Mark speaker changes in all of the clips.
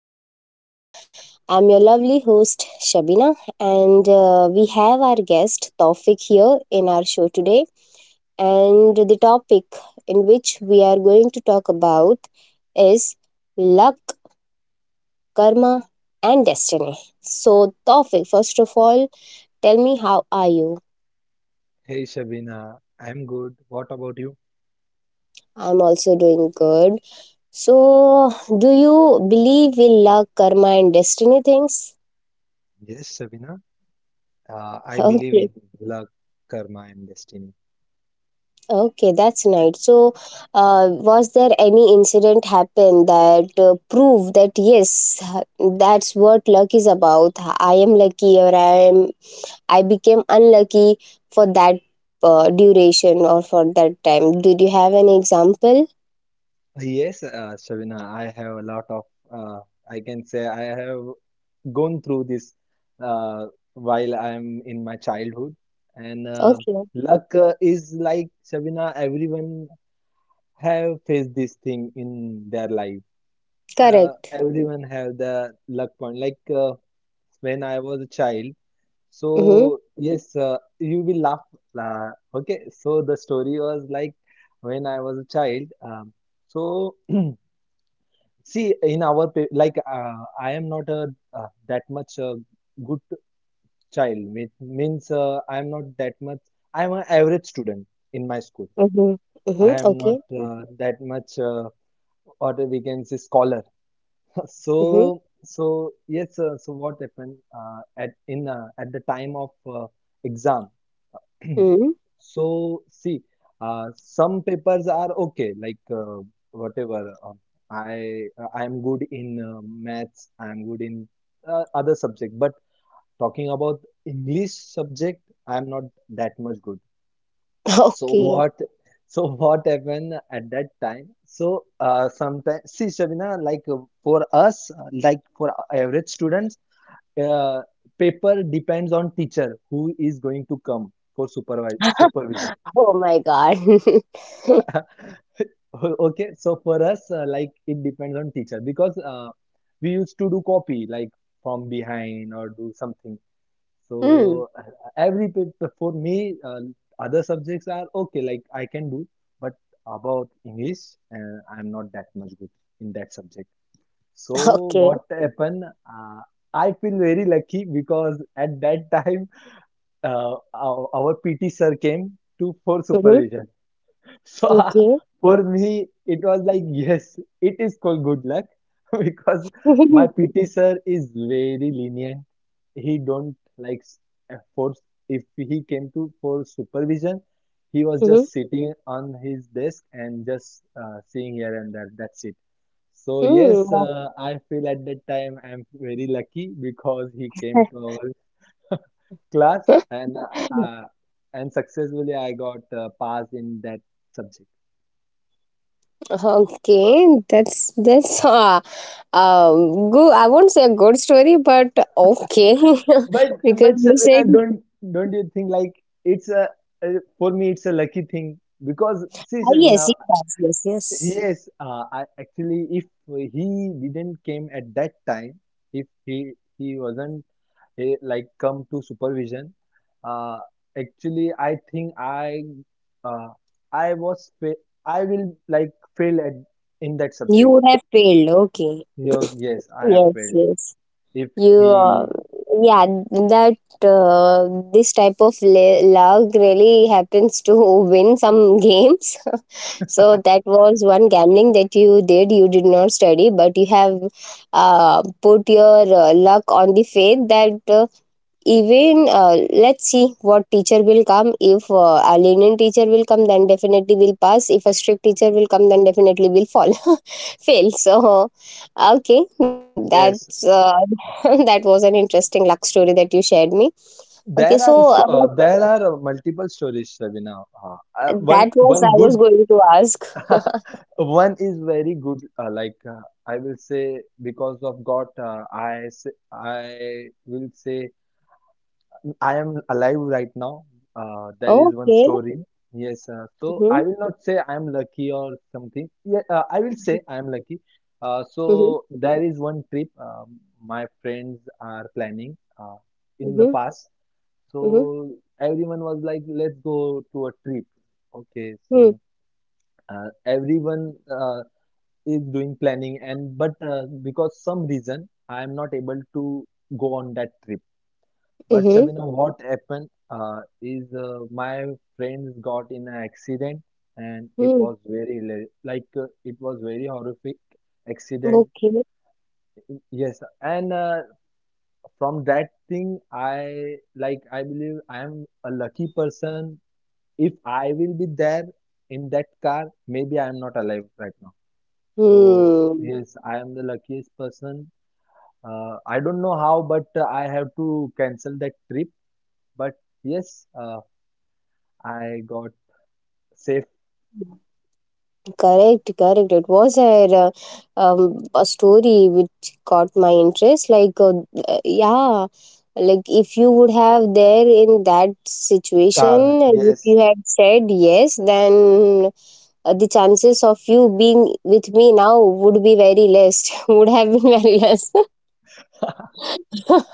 Speaker 1: podcast. I'm your lovely host, Shabina, and we have our guest, Taufik, here in our show today. And the topic in which we are going to talk about is luck, karma, and destiny. So, Taufik, first of all, tell me, how are you?
Speaker 2: Hey Shabina, I'm good. What about you?
Speaker 1: I'm also doing good. So, do you believe in luck, karma, and destiny things?
Speaker 2: Yes, Shabina, I believe
Speaker 1: Okay.
Speaker 2: in luck, karma, and destiny.
Speaker 1: Okay, that's nice. So, was there any incident happen that prove that yes, that's what luck is about? I am lucky, or I became unlucky for that duration or for that time. Did you have any example?
Speaker 2: Yes, Shabina, I have a lot of, uh, I can say I have gone through this uh, while I'm in my childhood. And
Speaker 1: Okay,
Speaker 2: luck is like, Shabina, everyone have faced this thing in their life.
Speaker 1: correct.
Speaker 2: Everyone have the luck point. Like when I was a child,
Speaker 1: Mhm.
Speaker 2: so yes, you will laugh. Okay, so the story was like when I was a child. So see, in our like I am not a that much a good child. It means I am not that much. I am an average student in my school.
Speaker 1: Mhm.
Speaker 2: I
Speaker 1: Mhm.
Speaker 2: am not
Speaker 1: Okay.
Speaker 2: that much, or we can say scholar. So
Speaker 1: Mhm.
Speaker 2: so yes. So what happened at in at the time of uh, exam?
Speaker 1: Mhm.
Speaker 2: So, see, some papers are okay, like whatever. I I am good in maths. I am good in other subject. But talking about English subject, I am not that much good. So
Speaker 1: Okay.
Speaker 2: what? So what happened at that time? So sometimes, see, Shabina, like for us, like for average students, uh, paper depends on teacher who is going to come for supervise supervision.
Speaker 1: Oh my God.
Speaker 2: Okay, so for us, like it depends on teacher because we used to do copy like from behind or do something.
Speaker 1: Hmm.
Speaker 2: So every paper for me, other subjects are okay, like I can do, but about English, I'm not that much good in that subject. So
Speaker 1: Okay.
Speaker 2: what happened? I feel very lucky because at that time, our PT sir came to for
Speaker 1: Mhm.
Speaker 2: supervision. So
Speaker 1: Okay.
Speaker 2: for me, it was like, yes, it is called good luck because my PT sir is very lenient. He don't like force. If he came to for supervision, he was
Speaker 1: Mhm.
Speaker 2: just sitting on his desk and just seeing here and there. That's it. So yes,
Speaker 1: Mhm.
Speaker 2: I feel at that time I'm very lucky because he came to our class and successfully I got passed in that subject.
Speaker 1: Okay, that's good. I won't say a good story, but okay,
Speaker 2: But
Speaker 1: because
Speaker 2: but
Speaker 1: you said.
Speaker 2: Sarvina, don't you think like it's a uh, for me it's a lucky thing because see
Speaker 1: Ah, yes,
Speaker 2: Sarvina,
Speaker 1: yes, yes, yes.
Speaker 2: yes, I actually if he didn't came at that time, if he wasn't like come to supervision, uh, actually I think uh, I was fa- I will like fail at in that
Speaker 1: You
Speaker 2: subject.
Speaker 1: would have failed. Okay,
Speaker 2: Yo, yes, I have
Speaker 1: yes,
Speaker 2: failed.
Speaker 1: yes.
Speaker 2: If
Speaker 1: you
Speaker 2: he
Speaker 1: yeah that uh, this type of luck really happens to win some games. So that was one gambling that you did. You did not study, but you have put your luck on the faith that even let's see what teacher will come. If a lenient teacher will come, then definitely will pass. If a strict teacher will come, then definitely will fall, fail. So okay, that's
Speaker 2: yes,
Speaker 1: that was an interesting luck story that you shared me. Okay,
Speaker 2: there
Speaker 1: so
Speaker 2: are so, there are multiple stories, Ravina. One
Speaker 1: that was, I
Speaker 2: one
Speaker 1: was
Speaker 2: good
Speaker 1: going to ask.
Speaker 2: One is very good. Like I will say, because of God, I will say I am alive right now. There is one
Speaker 1: Okay.
Speaker 2: story. Yes, so
Speaker 1: Mm-hmm.
Speaker 2: I will not say I am lucky or something. Yeah, I will say I am lucky.
Speaker 1: Mm-hmm.
Speaker 2: So there is one trip my friends are planning in the
Speaker 1: Mm-hmm.
Speaker 2: past.
Speaker 1: Mm-hmm.
Speaker 2: So everyone was like, let's go to a trip. Okay,
Speaker 1: Mm-hmm.
Speaker 2: so everyone is doing planning, and but because some reason, I am not able to go on that trip. But
Speaker 1: Mm-hmm.
Speaker 2: Shabina, what happened is my friends got in an accident, and it
Speaker 1: Mm-hmm,
Speaker 2: was very horrific accident.
Speaker 1: okay.
Speaker 2: Yes, and from that thing, I like I believe I am a lucky person if I will be there in that car, maybe I am not alive right now. So
Speaker 1: Hmm.
Speaker 2: yes, I am the luckiest person. I don't know how, but I have to cancel that trip. But yes, I got safe
Speaker 1: Correct, correct. It was a story which caught my interest. Like, yeah, like if you would have there in that
Speaker 2: car.
Speaker 1: situation, if
Speaker 2: Yes.
Speaker 1: you had said yes, then the chances of you being with me now would be very less. Would have been very less.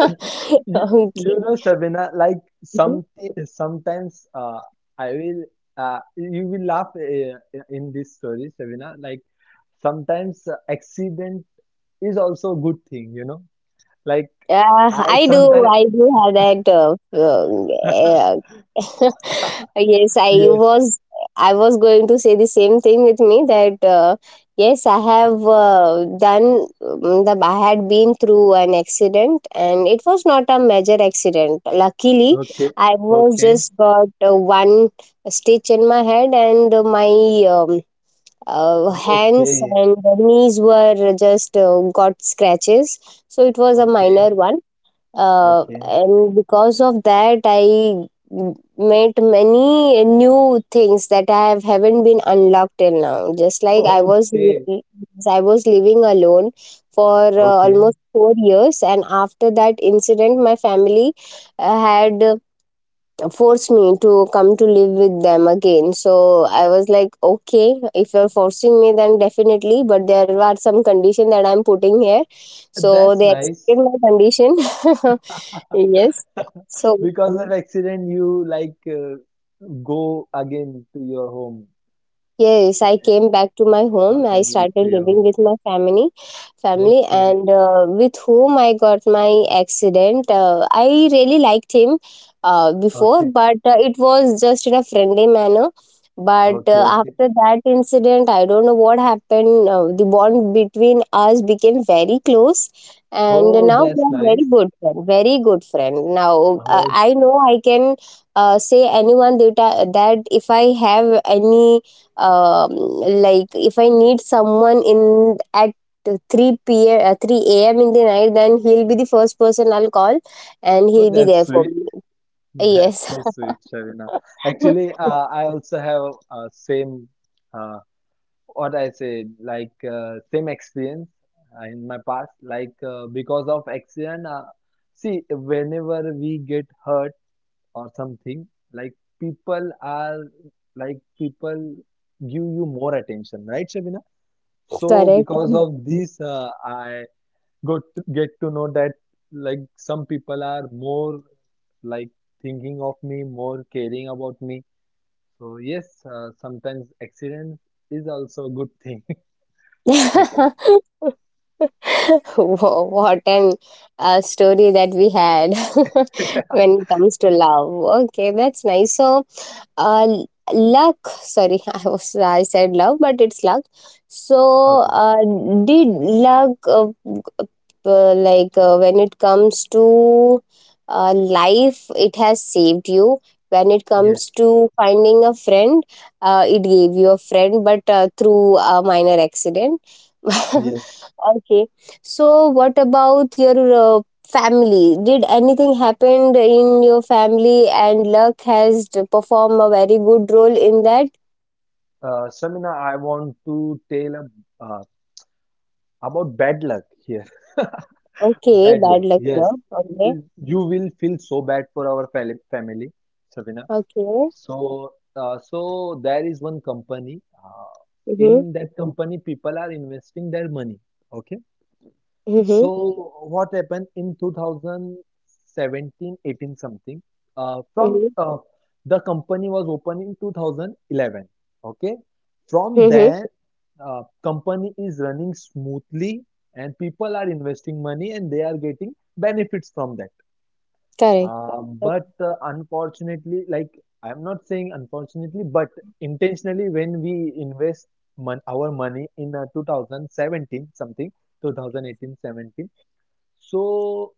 Speaker 2: You,
Speaker 1: Okay.
Speaker 2: you know, Shabina, like some sometimes I will you will laugh in this story, Shabina. Like sometimes accident is also a good thing, you know. Like
Speaker 1: Yeah,
Speaker 2: I
Speaker 1: I do.
Speaker 2: sometimes
Speaker 1: I do have that yes,
Speaker 2: yes.
Speaker 1: was I was going to say the same thing with me that yes, I have done, the I had been through an accident, and it was not a major accident. Luckily
Speaker 2: Okay.
Speaker 1: I was
Speaker 2: Okay.
Speaker 1: just got one stitch in my head, and my um, hands
Speaker 2: Okay.
Speaker 1: and knees were just got scratches, so it was a
Speaker 2: Okay.
Speaker 1: minor one.
Speaker 2: Okay.
Speaker 1: And because of that, I met many new things that I have haven't been unlocked till now. Just like I was
Speaker 2: Okay.
Speaker 1: I was living alone for
Speaker 2: Okay.
Speaker 1: almost 4 years, and after that incident my family had forced me to come to live with them again. So I was like, okay, if you're forcing me, then definitely, but there are some condition that I'm putting here. So
Speaker 2: That's
Speaker 1: they accepted
Speaker 2: nice.
Speaker 1: my condition. Yes. So,
Speaker 2: Because of accident, you like go again to your home.
Speaker 1: yes, I came back to my home.
Speaker 2: Okay,
Speaker 1: I
Speaker 2: back to
Speaker 1: started
Speaker 2: your
Speaker 1: living
Speaker 2: home.
Speaker 1: with my family,
Speaker 2: Okay.
Speaker 1: and with whom I got my accident. I really liked him before,
Speaker 2: Okay.
Speaker 1: but it was just in a friendly manner. But
Speaker 2: Okay. Okay.
Speaker 1: after that incident, I don't know what happened. The bond between us became very close, and
Speaker 2: Oh,
Speaker 1: now we
Speaker 2: that's
Speaker 1: are very
Speaker 2: nice.
Speaker 1: good friend, very good friend. Now
Speaker 2: Okay.
Speaker 1: I know I can say anyone that that if I have any um, like if I need someone in at 3 p.m. 3 a.m in the night, then he'll be the first person I'll call, and
Speaker 2: Oh,
Speaker 1: he'll be
Speaker 2: that's
Speaker 1: there for
Speaker 2: sweet.
Speaker 1: me.
Speaker 2: That's
Speaker 1: Yes.
Speaker 2: so sweet, Shavina. Actually, I also have same. uh, what I said, like same experience in my past, like because of accident. See, whenever we get hurt or something, like people are like people give you more attention, right, Shabina? So yeah,
Speaker 1: Correct.
Speaker 2: because of this, I got to get to know that like some people are more like thinking of me, more caring about me. So yes, sometimes accident is also a good thing. I can.
Speaker 1: What an story that we had, when it comes to love. Okay, that's nice. So, uh, l- luck. Sorry, I was, I said love, but it's luck.
Speaker 2: Okay.
Speaker 1: So, uh, did luck like when it comes to life, it has saved you. When it
Speaker 2: Yes.
Speaker 1: comes to finding a friend, it gave you a friend, but through a minor accident.
Speaker 2: Yes.
Speaker 1: Okay. So what about your family? Did anything happened in your family, and luck has to perform a very good role in that?
Speaker 2: Shamina, I want to tell about bad luck here.
Speaker 1: Okay,
Speaker 2: Bad
Speaker 1: bad
Speaker 2: luck.
Speaker 1: luck there.
Speaker 2: Yes.
Speaker 1: Okay.
Speaker 2: You will feel so bad for our family, Shamina.
Speaker 1: Okay.
Speaker 2: So, so there is one company.
Speaker 1: Mm-hmm.
Speaker 2: In that company, people are investing their money. Okay.
Speaker 1: Mm-hmm.
Speaker 2: So what happened in 2017, 18 something, from
Speaker 1: Mm-hmm.
Speaker 2: the company was opened in 2011. Okay. From
Speaker 1: Mm-hmm.
Speaker 2: there, company is running smoothly and people are investing money and they are getting benefits from that.
Speaker 1: Correct.
Speaker 2: But unfortunately, like I'm not saying unfortunately, but intentionally when we invest our money in 2017 something, 2018 17. So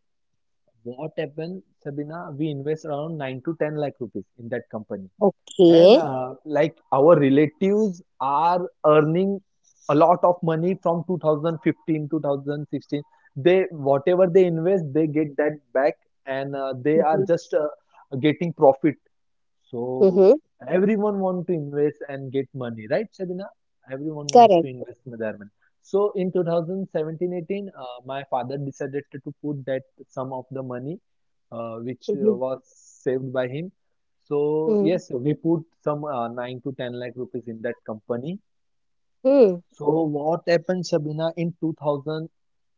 Speaker 2: what happened, Sabina? We invest around 9 to 10 lakh rupees in that company, and
Speaker 1: Okay.
Speaker 2: like our relatives are earning a lot of money from 2015, 2016. They whatever they invest, they get that back, and they are
Speaker 1: Mm-hmm.
Speaker 2: just getting profit so
Speaker 1: Mm-hmm.
Speaker 2: everyone want to invest and get money, right, Shabina? Everyone wants to
Speaker 1: Correct.
Speaker 2: invest with their money. So in 2017-18, my father decided to put that sum of the money, which
Speaker 1: Mm-hmm.
Speaker 2: was saved by him. So yes, we put some 9 to 10 lakh rupees in that company.
Speaker 1: Mm-hmm.
Speaker 2: So what happened, Shabina? In 2018,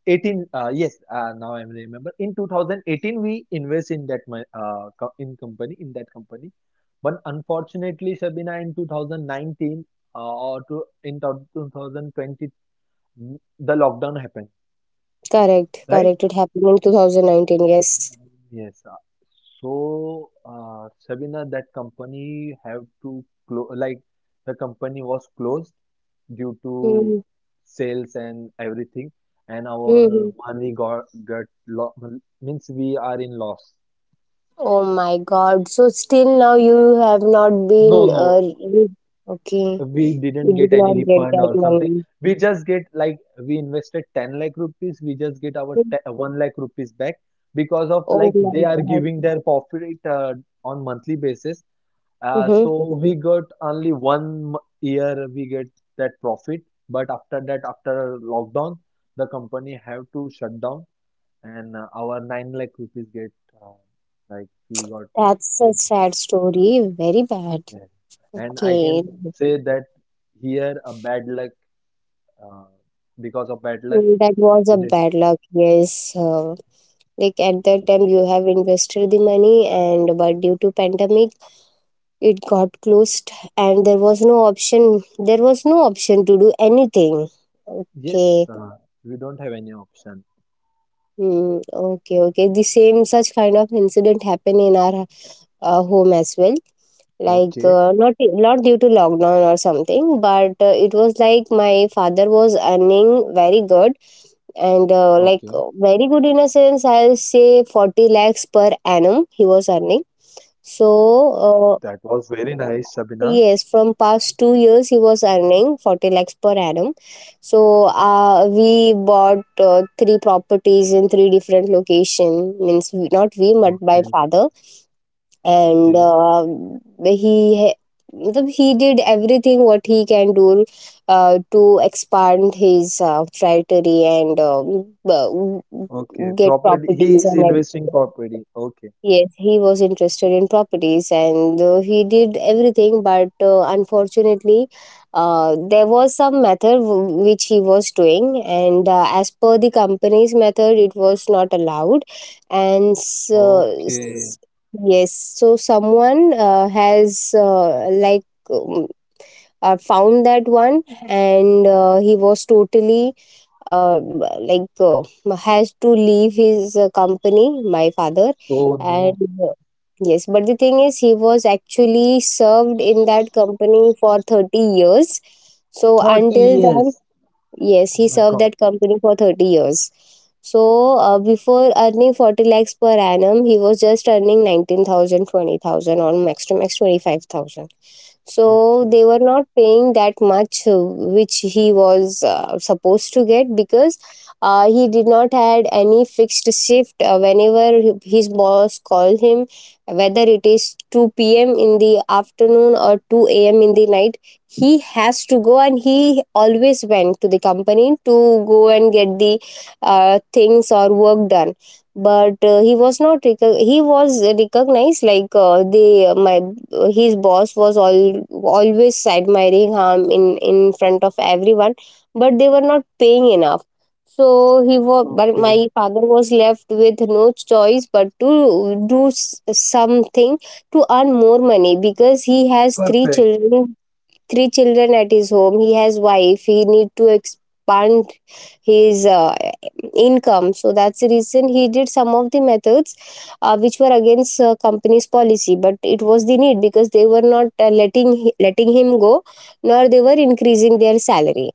Speaker 2: 18, yes, now I remember, in 2018 we invest in that in that company, but unfortunately Shabina, in 2019, or to in 2020, the lockdown happened.
Speaker 1: Correct.
Speaker 2: Right, right.
Speaker 1: Correct. It happened in 2019. Yes.
Speaker 2: Yes. So, Sabina, that company have to close, like the company was closed due to
Speaker 1: Mm-hmm.
Speaker 2: sales and everything, and
Speaker 1: Mm-hmm.
Speaker 2: our money got lo means we are in loss.
Speaker 1: Oh my God. So still now you have not
Speaker 2: No,
Speaker 1: been
Speaker 2: no,
Speaker 1: okay.
Speaker 2: we
Speaker 1: You
Speaker 2: didn't get
Speaker 1: did
Speaker 2: any
Speaker 1: not get
Speaker 2: refund
Speaker 1: that
Speaker 2: or something.
Speaker 1: money.
Speaker 2: We just get like we invested 10 lakh rupees, we just get our te 1 lakh rupees back because of
Speaker 1: Oh
Speaker 2: like they
Speaker 1: my
Speaker 2: are
Speaker 1: God.
Speaker 2: giving their profit on monthly basis. So
Speaker 1: Mm-hmm.
Speaker 2: we got only one year we get that profit, but after that, after lockdown, the company have to shut down, and our 9 lakh rupees get uh, like we got
Speaker 1: That's a
Speaker 2: in.
Speaker 1: sad story. Very bad.
Speaker 2: Yes, and I
Speaker 1: Okay.
Speaker 2: can say that here a bad luck uh, because of bad luck
Speaker 1: Mm, that was a
Speaker 2: we did.
Speaker 1: bad luck. Yes. Like at that time you have invested the money, and but due to pandemic it got closed, and there was no option. There was no option to do anything.
Speaker 2: Yes,
Speaker 1: Okay.
Speaker 2: we don't have any option.
Speaker 1: Hmm, okay, okay. The same such kind of incident happen in our home as well. Like
Speaker 2: Okay,
Speaker 1: not not due to lockdown or something, but it was like my father was earning very good, and
Speaker 2: okay,
Speaker 1: like very good in a sense. I'll say 40 lakhs per annum he was earning. So
Speaker 2: that was very
Speaker 1: uh,
Speaker 2: nice, Shabina.
Speaker 1: yes, from past 2 years he was earning 40 lakhs per annum. So we bought three properties in three different location. Means not we,
Speaker 2: Okay,
Speaker 1: but my father.
Speaker 2: okay.
Speaker 1: And he मतलब he did everything what he can do to expand his territory, and b-
Speaker 2: Okay,
Speaker 1: get
Speaker 2: property. He
Speaker 1: properties
Speaker 2: is
Speaker 1: and
Speaker 2: investing
Speaker 1: everything.
Speaker 2: property. Okay.
Speaker 1: Yes, he was interested in properties, and he did everything, but unfortunately, there was some method which he was doing, and as per the company's method, it was not allowed. And so,
Speaker 2: Okay.
Speaker 1: s- yes, so someone has like um, found that one, and he was totally uh, like has to leave his company, my father,
Speaker 2: Oh
Speaker 1: and
Speaker 2: no.
Speaker 1: uh, yes, but the thing is he was actually served in that company for 30 years. So
Speaker 2: 30
Speaker 1: until then,
Speaker 2: years.
Speaker 1: yes,
Speaker 2: Oh
Speaker 1: he
Speaker 2: my
Speaker 1: served
Speaker 2: God.
Speaker 1: that company for 30 years. So, before earning 40 lakhs per annum, he was just earning 19,000, 20,000, or max to max 25,000. So,
Speaker 2: Okay.
Speaker 1: they were not paying that much, which he was supposed to get because he did not had any fixed shift. Whenever his boss called him, whether it is 2 p.m. in the afternoon or 2 a.m. in the night, he has to go, and he always went to the company to go and get the things or work done. But he was not he was recognized. Like the my his boss was all always admiring him in front of everyone, but they were not paying enough. So he was, but
Speaker 2: Okay.
Speaker 1: my father was left with no choice but to do something to earn more money because he has three
Speaker 2: Perfect.
Speaker 1: children, three children at his home, he has wife, he need to expand his income. So that's the reason he did some of the methods which were against company's policy, but it was the need because they were not letting him go, nor they were increasing their salary.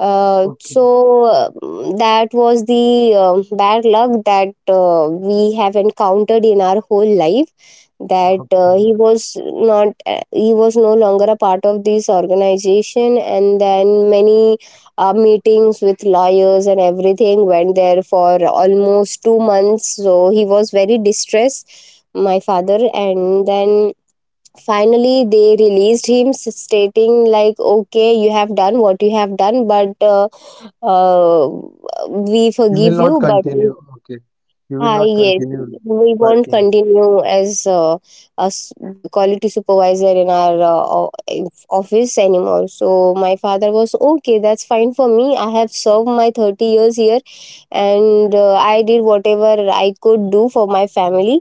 Speaker 1: uh,
Speaker 2: Okay.
Speaker 1: so uh, that was the bad luck that we have encountered in our whole life. That
Speaker 2: Okay.
Speaker 1: he was no longer a part of this organization, and then many meetings with lawyers and everything went there for almost 2 months. So he was very distressed, my father, and then finally they released him, stating like, okay, you have done what you have done, but uh, we
Speaker 2: You will
Speaker 1: forgive
Speaker 2: not
Speaker 1: you, but
Speaker 2: continue. Okay. You will
Speaker 1: ah,
Speaker 2: not
Speaker 1: yes,
Speaker 2: continue
Speaker 1: we won't
Speaker 2: working with.
Speaker 1: continue as the quality supervisor in our office anymore. So my father was okay, that's fine for me, I have served my 30 years here, and I did whatever I could do for my family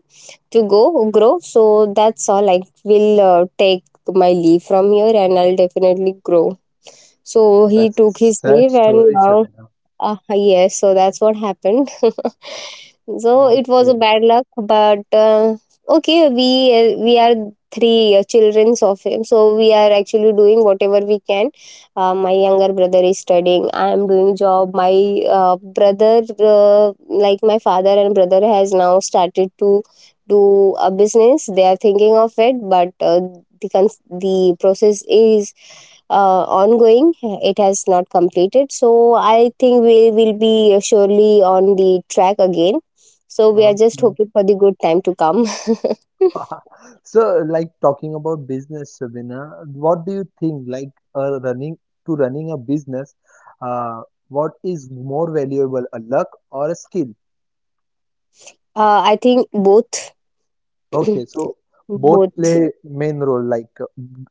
Speaker 1: to go grow. So that's all. I will take my leave from here, and I'll definitely grow. So he
Speaker 2: That's a
Speaker 1: took his
Speaker 2: sad
Speaker 1: leave, and
Speaker 2: story,
Speaker 1: now
Speaker 2: Shabana.
Speaker 1: yes, so that's what happened. So it was a
Speaker 2: Okay.
Speaker 1: bad luck, but okay, we are three childrens of him, so we are actually doing whatever we can. My younger brother is studying. I am doing job. My brother, like my father and brother, has now started to do a business. They are thinking of it, but the process is ongoing. It has not completed. So I think we will be surely on the track again. So we are just
Speaker 2: Okay.
Speaker 1: hoping for the good time to come.
Speaker 2: So, like talking about business, Sabina, what do you think? Like, running to running a business, uh, what is more valuable, a luck or a skill?
Speaker 1: I think both,
Speaker 2: Okay, so
Speaker 1: both,
Speaker 2: both play main role. Like,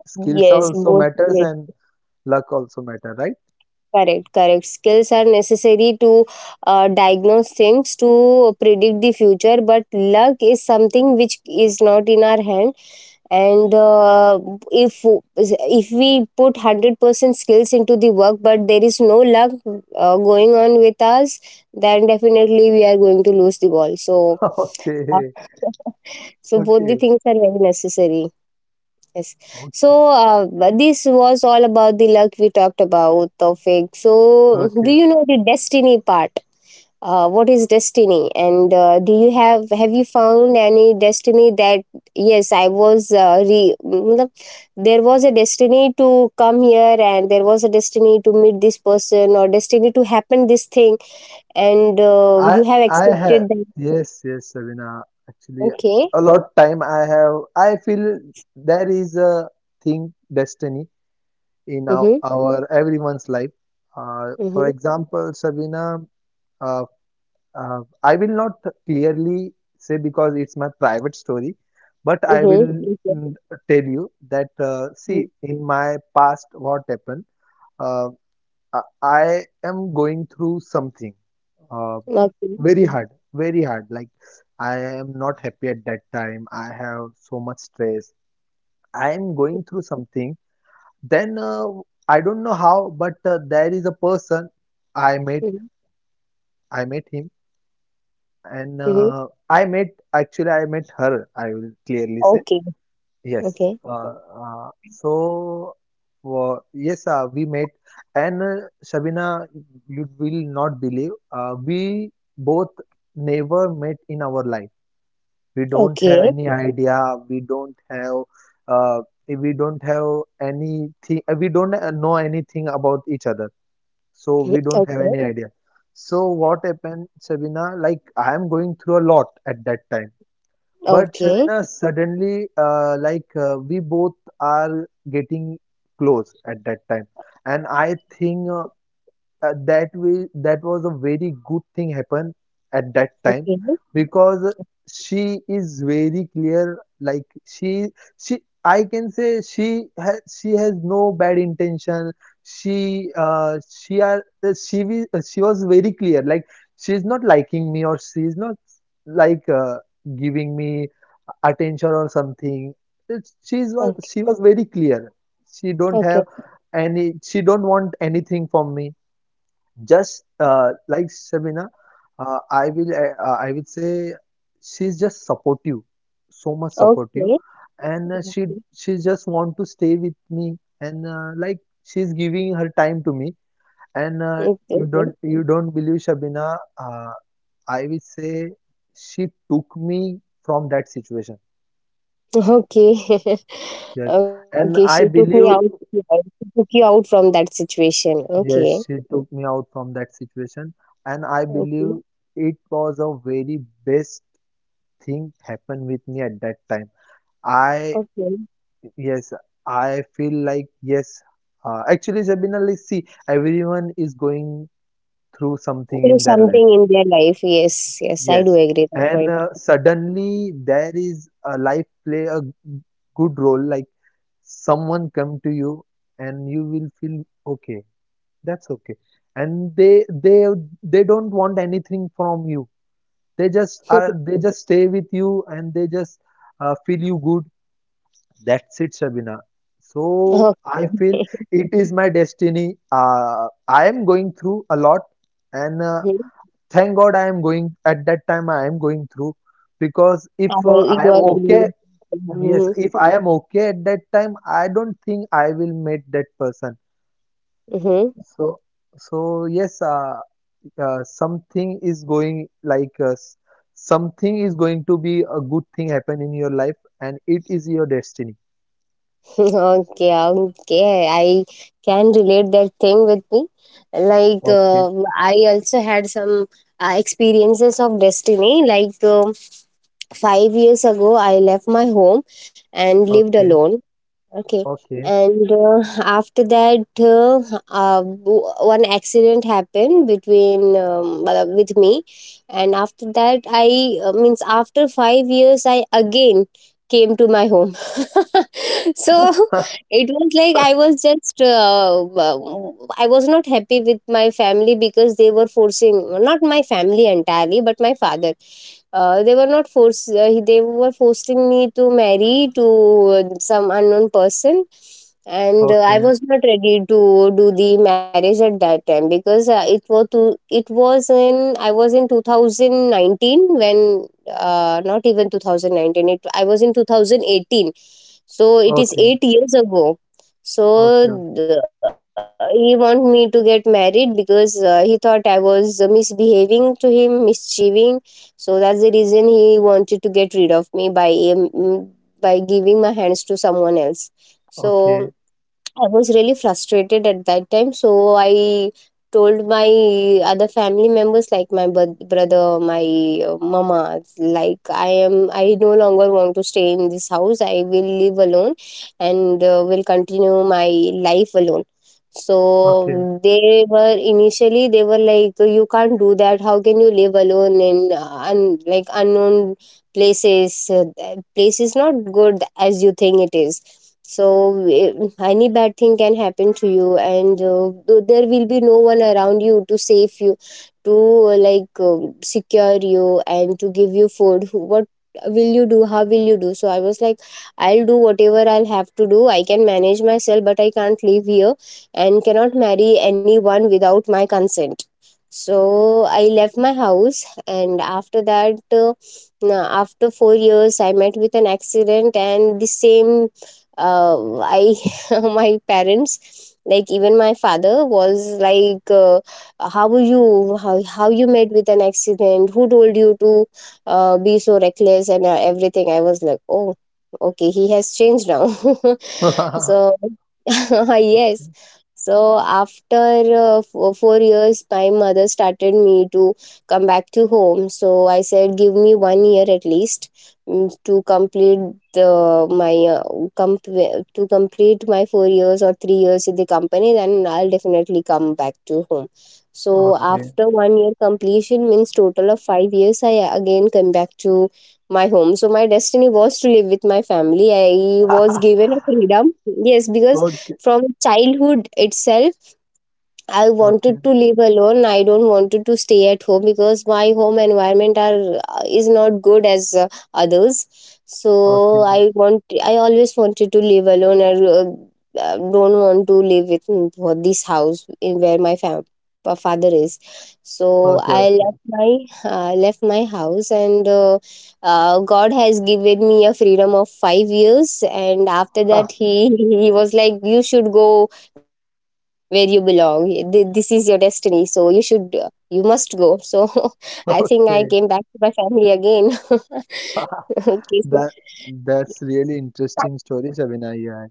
Speaker 2: skills
Speaker 1: yes,
Speaker 2: also
Speaker 1: both.
Speaker 2: matters
Speaker 1: Yes,
Speaker 2: and luck also matter, right?
Speaker 1: correct, correct. Skills are necessary to diagnose things, to predict the future, but luck is something which is not in our hand, and if if we put 100% skills into the work, but there is no luck going on with us, then definitely we are going to lose the ball. So uh,
Speaker 2: Okay,
Speaker 1: so both the
Speaker 2: okay,
Speaker 1: things are very necessary. Yes. So
Speaker 2: okay,
Speaker 1: but this was all about the luck, we talked about topic. So do
Speaker 2: okay.
Speaker 1: you know the destiny part? What is destiny? And do you have you found any destiny that, yes, I was मतलब, there was a destiny to come here, and there was a destiny to meet this person, or destiny to happen this thing. And
Speaker 2: I
Speaker 1: you have
Speaker 2: I have
Speaker 1: accepted that.
Speaker 2: yes, yes, Sabina. Actually,
Speaker 1: Okay.
Speaker 2: a lot time I have. I feel there is a thing destiny in
Speaker 1: Mm-hmm.
Speaker 2: our everyone's life. For
Speaker 1: Mm-hmm.
Speaker 2: example, Sabina, uh, I will not clearly say because it's my private story, but
Speaker 1: Mm-hmm.
Speaker 2: I will
Speaker 1: Okay.
Speaker 2: tell you that
Speaker 1: Mm.
Speaker 2: see in my past what happened. Uh, I am going through something uh,
Speaker 1: Okay.
Speaker 2: very hard, very hard. Like I am not happy at that time. I have so much stress. I am going through something, then I don't know how, but there is a person I met.
Speaker 1: Mhm.
Speaker 2: I met him, and
Speaker 1: Mhm.
Speaker 2: I met actually I met her. I will clearly say
Speaker 1: Okay. Okay.
Speaker 2: yes. So yes, we met, and Shabina, you will not believe. We both never met in our life. We don't have
Speaker 1: Okay.
Speaker 2: any idea. We don't have. Uh, we don't have anything. We don't know anything about each other, so
Speaker 1: Mhm.
Speaker 2: we don't have
Speaker 1: Okay.
Speaker 2: any idea. So what happened, Sabina? Like I am going through a lot at that time, but
Speaker 1: Okay.
Speaker 2: Sabina suddenly, like we both are getting close at that time, and I think. That way that was a very good thing happened at that time,
Speaker 1: Okay.
Speaker 2: because she is very clear. Like she I can say she has no bad intention. She was very clear. Like she's not liking me, or she's not, like uh, giving me attention or something.
Speaker 1: Okay.
Speaker 2: She was very clear. She don't
Speaker 1: Okay.
Speaker 2: have any, she don't want anything from me. Just like Shabina, I will say she's just supportive, so much supportive.
Speaker 1: Okay.
Speaker 2: And
Speaker 1: Okay.
Speaker 2: she just want to stay with me. And she's giving her time to me. And
Speaker 1: Okay.
Speaker 2: you don't believe, Shabina. I will say she took me from that situation.
Speaker 1: Okay.
Speaker 2: Yes,
Speaker 1: Okay, she
Speaker 2: and
Speaker 1: took me
Speaker 2: I
Speaker 1: out,
Speaker 2: believe,
Speaker 1: right? She took you out from that situation. Okay.
Speaker 2: yes, she took me out from that situation. And I
Speaker 1: Okay.
Speaker 2: believe it was a very best thing happened with me at that time. I,
Speaker 1: Okay.
Speaker 2: yes, I feel like, yes, actually, Sabina, like, see, everyone is going through something
Speaker 1: Through
Speaker 2: in their life.
Speaker 1: something in their life. Yes. Yes, I do
Speaker 2: Yes.
Speaker 1: agree that
Speaker 2: And
Speaker 1: point.
Speaker 2: suddenly there is a life play good role, like someone come to you, and you will feel okay, that's okay. And they don't want anything from you. They just stay with you, and they just, feel you good. That's it, Shabina. So
Speaker 1: Okay.
Speaker 2: I feel it is my destiny. I am going through a lot, and
Speaker 1: Mhm.
Speaker 2: thank God I am going at that time. I am going through, because if,
Speaker 1: I will,
Speaker 2: I
Speaker 1: you
Speaker 2: am
Speaker 1: are
Speaker 2: okay,
Speaker 1: being.
Speaker 2: yes,
Speaker 1: Mhm.
Speaker 2: if I am okay at that time, I don't think I will meet that person.
Speaker 1: Mhm.
Speaker 2: So, so, yes, something is going, like something is going to be a good thing happen in your life, and it is your destiny.
Speaker 1: Okay, okay. I can relate that thing with me. Like,
Speaker 2: Okay,
Speaker 1: I also had some experiences of destiny. Like, 5 years ago, I left my home and lived
Speaker 2: okay,
Speaker 1: alone. Okay.
Speaker 2: okay.
Speaker 1: And after that, one accident happened between well, with me, and after that, I means after 5 years, I again came to my home. So it was like I was just I was not happy with my family, because they were forcing, not my family entirely, but my father. They were not forced. They were forcing me to marry to some unknown person, and I
Speaker 2: Okay,
Speaker 1: was not ready to do the marriage at that time, because it was to, it was in, I was in 2019, when not even 2019. It I was in 2018, so it is
Speaker 2: okay,
Speaker 1: 8 years ago.
Speaker 2: okay,
Speaker 1: So th- he want me to get married because he thought I was misbehaving to him, mischieving. So that's the reason he wanted to get rid of me by by giving my hands to someone else. So
Speaker 2: okay,
Speaker 1: I was really frustrated at that time, so I told my other family members, like my brother, my mama, like, I no longer want to stay in this house. I will live alone, and will continue my life alone.
Speaker 2: okay,
Speaker 1: So they were, initially they were like, you can't do that. How can you live alone in like unknown places? Place is not good as you think it is, so any bad thing can happen to you, and there will be no one around you to save you, to like secure you and to give you food. What will you do? How will you do? So I was like, I'll do whatever I'll have to do. I can manage myself, but I can't live here and cannot marry anyone without my consent. So I left my house, and after that, uh, now, after 4 years, I met with an accident, and the same, uh, I, my parents, like even my father was like, "How were you? How you met with an accident? Who told you to be so reckless and everything?" I was like, "Oh, okay, he has changed now."
Speaker 2: okay,
Speaker 1: So yes. So after 4 years, my mother started me to come back to home. So I said, give me 1 year at least, to complete the my uh, to complete my 4 years or 3 years in the company. Then I'll definitely come back to home. So
Speaker 2: okay,
Speaker 1: after 1 year completion means total of 5 years, I again come back to my home. So my destiny was to live with my family. I was given a freedom. Yes, because from childhood itself I wanted
Speaker 2: okay,
Speaker 1: to live alone. I don't wanted to stay at home because my home environment are is not good as others. So
Speaker 2: okay,
Speaker 1: I always wanted to live alone. I don't want to live with for this house in where my father is. So
Speaker 2: okay,
Speaker 1: I
Speaker 2: okay.
Speaker 1: left my house, and God has given me a freedom of 5 years, and after that, he he was like, "You should go where you belong. This is your destiny, so you should you must go." So I think I came back
Speaker 2: Okay.
Speaker 1: to my family again. Okay. So
Speaker 2: That that's really interesting story, Shabina, you had.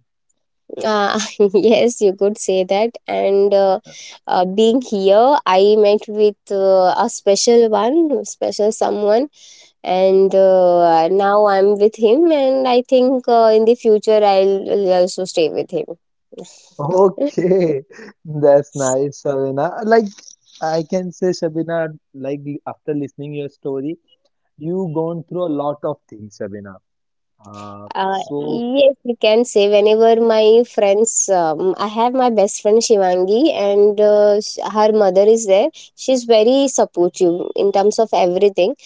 Speaker 1: uh, yes, you could say that. And being here, I met with a special one, special someone, and now I'm with him. And I think in the future, I'll also stay with him.
Speaker 2: Okay, that's nice, Shabina. Like I can say, Shabina, like after listening your story, you gone through a lot of things, Shabina. Uh, so
Speaker 1: Yes, you can say, whenever my friends, I have my best friend Shivangi, and her mother is there. She's very supportive in terms of everything.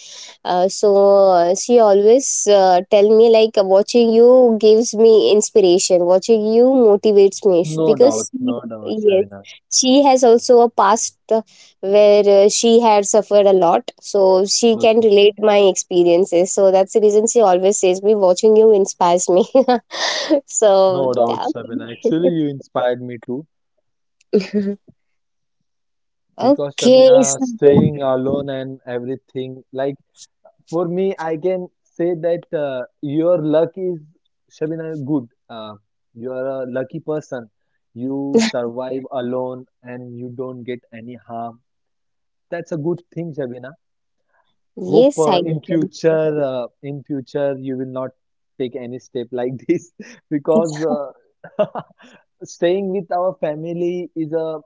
Speaker 1: So she always tell me like, watching you gives me inspiration. Watching you motivates me
Speaker 2: no doubt,
Speaker 1: because
Speaker 2: no doubt,
Speaker 1: yes,
Speaker 2: Shabina.
Speaker 1: she has also a past where she had suffered a lot, so she can
Speaker 2: Okay.
Speaker 1: relate my experiences. So that's the reason she always says me, watching you inspires me. So
Speaker 2: No doubt,
Speaker 1: that.
Speaker 2: Sabina. Actually, you inspired me too, because
Speaker 1: Okay.
Speaker 2: Sabina,
Speaker 1: So
Speaker 2: staying alone and everything, like for me, I can say that your luck is Shabina good. You are a lucky person. You survive alone and you don't get any harm. That's a good thing, Shabina. Hope,
Speaker 1: yes, I can.
Speaker 2: in future, you will not take any step like this, because uh, staying with our family is a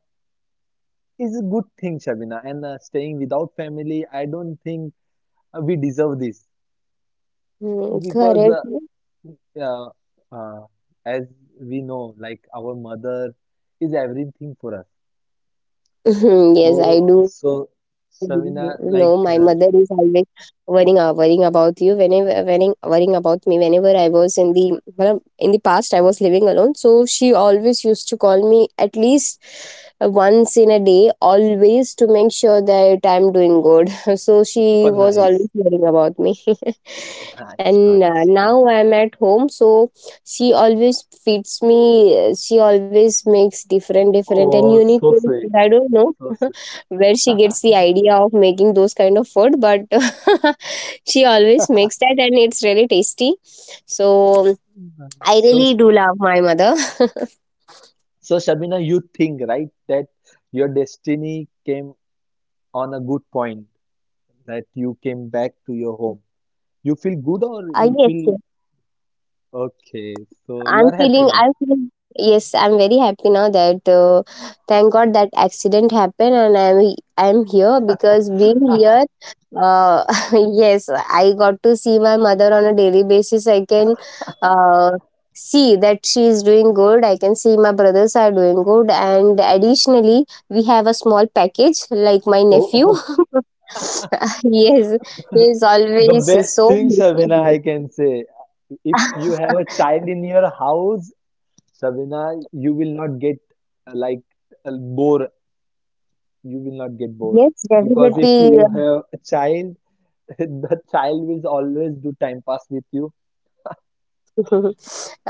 Speaker 2: is a good thing, Shabina. And staying without family, I don't think we deserve this,
Speaker 1: Hmm.
Speaker 2: because
Speaker 1: Correct.
Speaker 2: uh, uh, as we know, like our mother is everything for us.
Speaker 1: Yes, I
Speaker 2: So,
Speaker 1: do.
Speaker 2: so
Speaker 1: You know, my
Speaker 2: Shabina,
Speaker 1: mother is
Speaker 2: like,
Speaker 1: always worrying, worrying about you, whenever worrying about me whenever I was in the, well, in the past, I was living alone, so she always used to call me at least once in a day, always to make sure that I'm doing good. So
Speaker 2: oh,
Speaker 1: she was always
Speaker 2: nice,
Speaker 1: worrying about me.
Speaker 2: nice,
Speaker 1: And
Speaker 2: nice.
Speaker 1: now I'm at home, so she always feeds me. She always makes different different and
Speaker 2: Oh,
Speaker 1: unique things. I don't know
Speaker 2: so sweet,
Speaker 1: where she gets the idea of making those kind of food, but she always makes that and it's really tasty. So
Speaker 2: nice, so
Speaker 1: I
Speaker 2: sweet.
Speaker 1: really do love my mother. uh,
Speaker 2: So, Shabina, you think, right, that your destiny came on a good point, that you came back to your home. You feel good,
Speaker 1: yes,
Speaker 2: or
Speaker 1: yes.
Speaker 2: you feel okay? So you are
Speaker 1: I'm
Speaker 2: happy now.
Speaker 1: feeling, yes, I'm very happy now that thank God that accident happened, and I'm here because being here, uh, yes, I got to see my mother on a daily basis. I can uh, see that she is doing good. I can see my brothers are doing good. And additionally, we have a small package, like my
Speaker 2: Oh,
Speaker 1: nephew.
Speaker 2: oh,
Speaker 1: Yes, he is
Speaker 2: the
Speaker 1: always
Speaker 2: best
Speaker 1: so.
Speaker 2: thing, Shabina, I can say. If you have a child in your house, Shabina, you will not get, uh, like bored. You will not get bored,
Speaker 1: Yes,
Speaker 2: because if
Speaker 1: definitely.
Speaker 2: you have a child, the child will always do time pass with you.
Speaker 1: Mhm.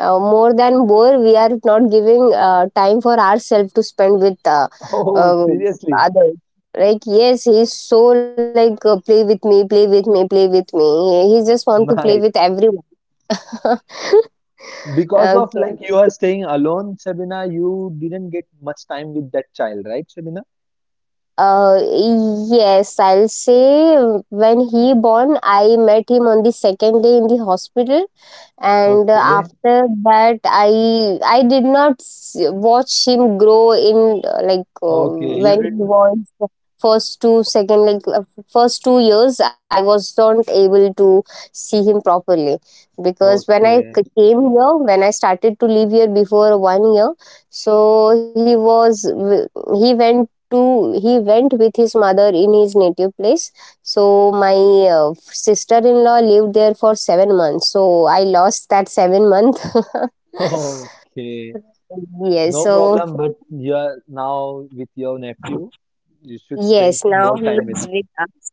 Speaker 1: More than more, we are not giving time for ourselves to spend with
Speaker 2: Oh,
Speaker 1: uh,
Speaker 2: seriously,
Speaker 1: others. Like, yes, he's so like, play with me, play with me, play with me. He just want to play with
Speaker 2: nice.
Speaker 1: everyone.
Speaker 2: Because of
Speaker 1: Okay.
Speaker 2: like you are staying alone, Shabina, you didn't get much time with that child, right, Shabina?
Speaker 1: Uh, yes, I'll say, when he born, I met him on the second day in the hospital, and
Speaker 2: Okay.
Speaker 1: after that, I did not watch him grow in, like,
Speaker 2: Okay,
Speaker 1: when
Speaker 2: you
Speaker 1: he
Speaker 2: didn't.
Speaker 1: was first 2 second, like, first 2 years, I was not able to see him properly, because when I
Speaker 2: Okay,
Speaker 1: came here, when I started to live here before 1 year, so he was he went to he went with his mother in his native place. So my uh, sister-in-law lived there for 7 months, so I lost that 7 month.
Speaker 2: okay,
Speaker 1: Yes,
Speaker 2: no
Speaker 1: so
Speaker 2: problem. But you are now with your nephew. You should spend
Speaker 1: yes, now
Speaker 2: more time with.
Speaker 1: he's with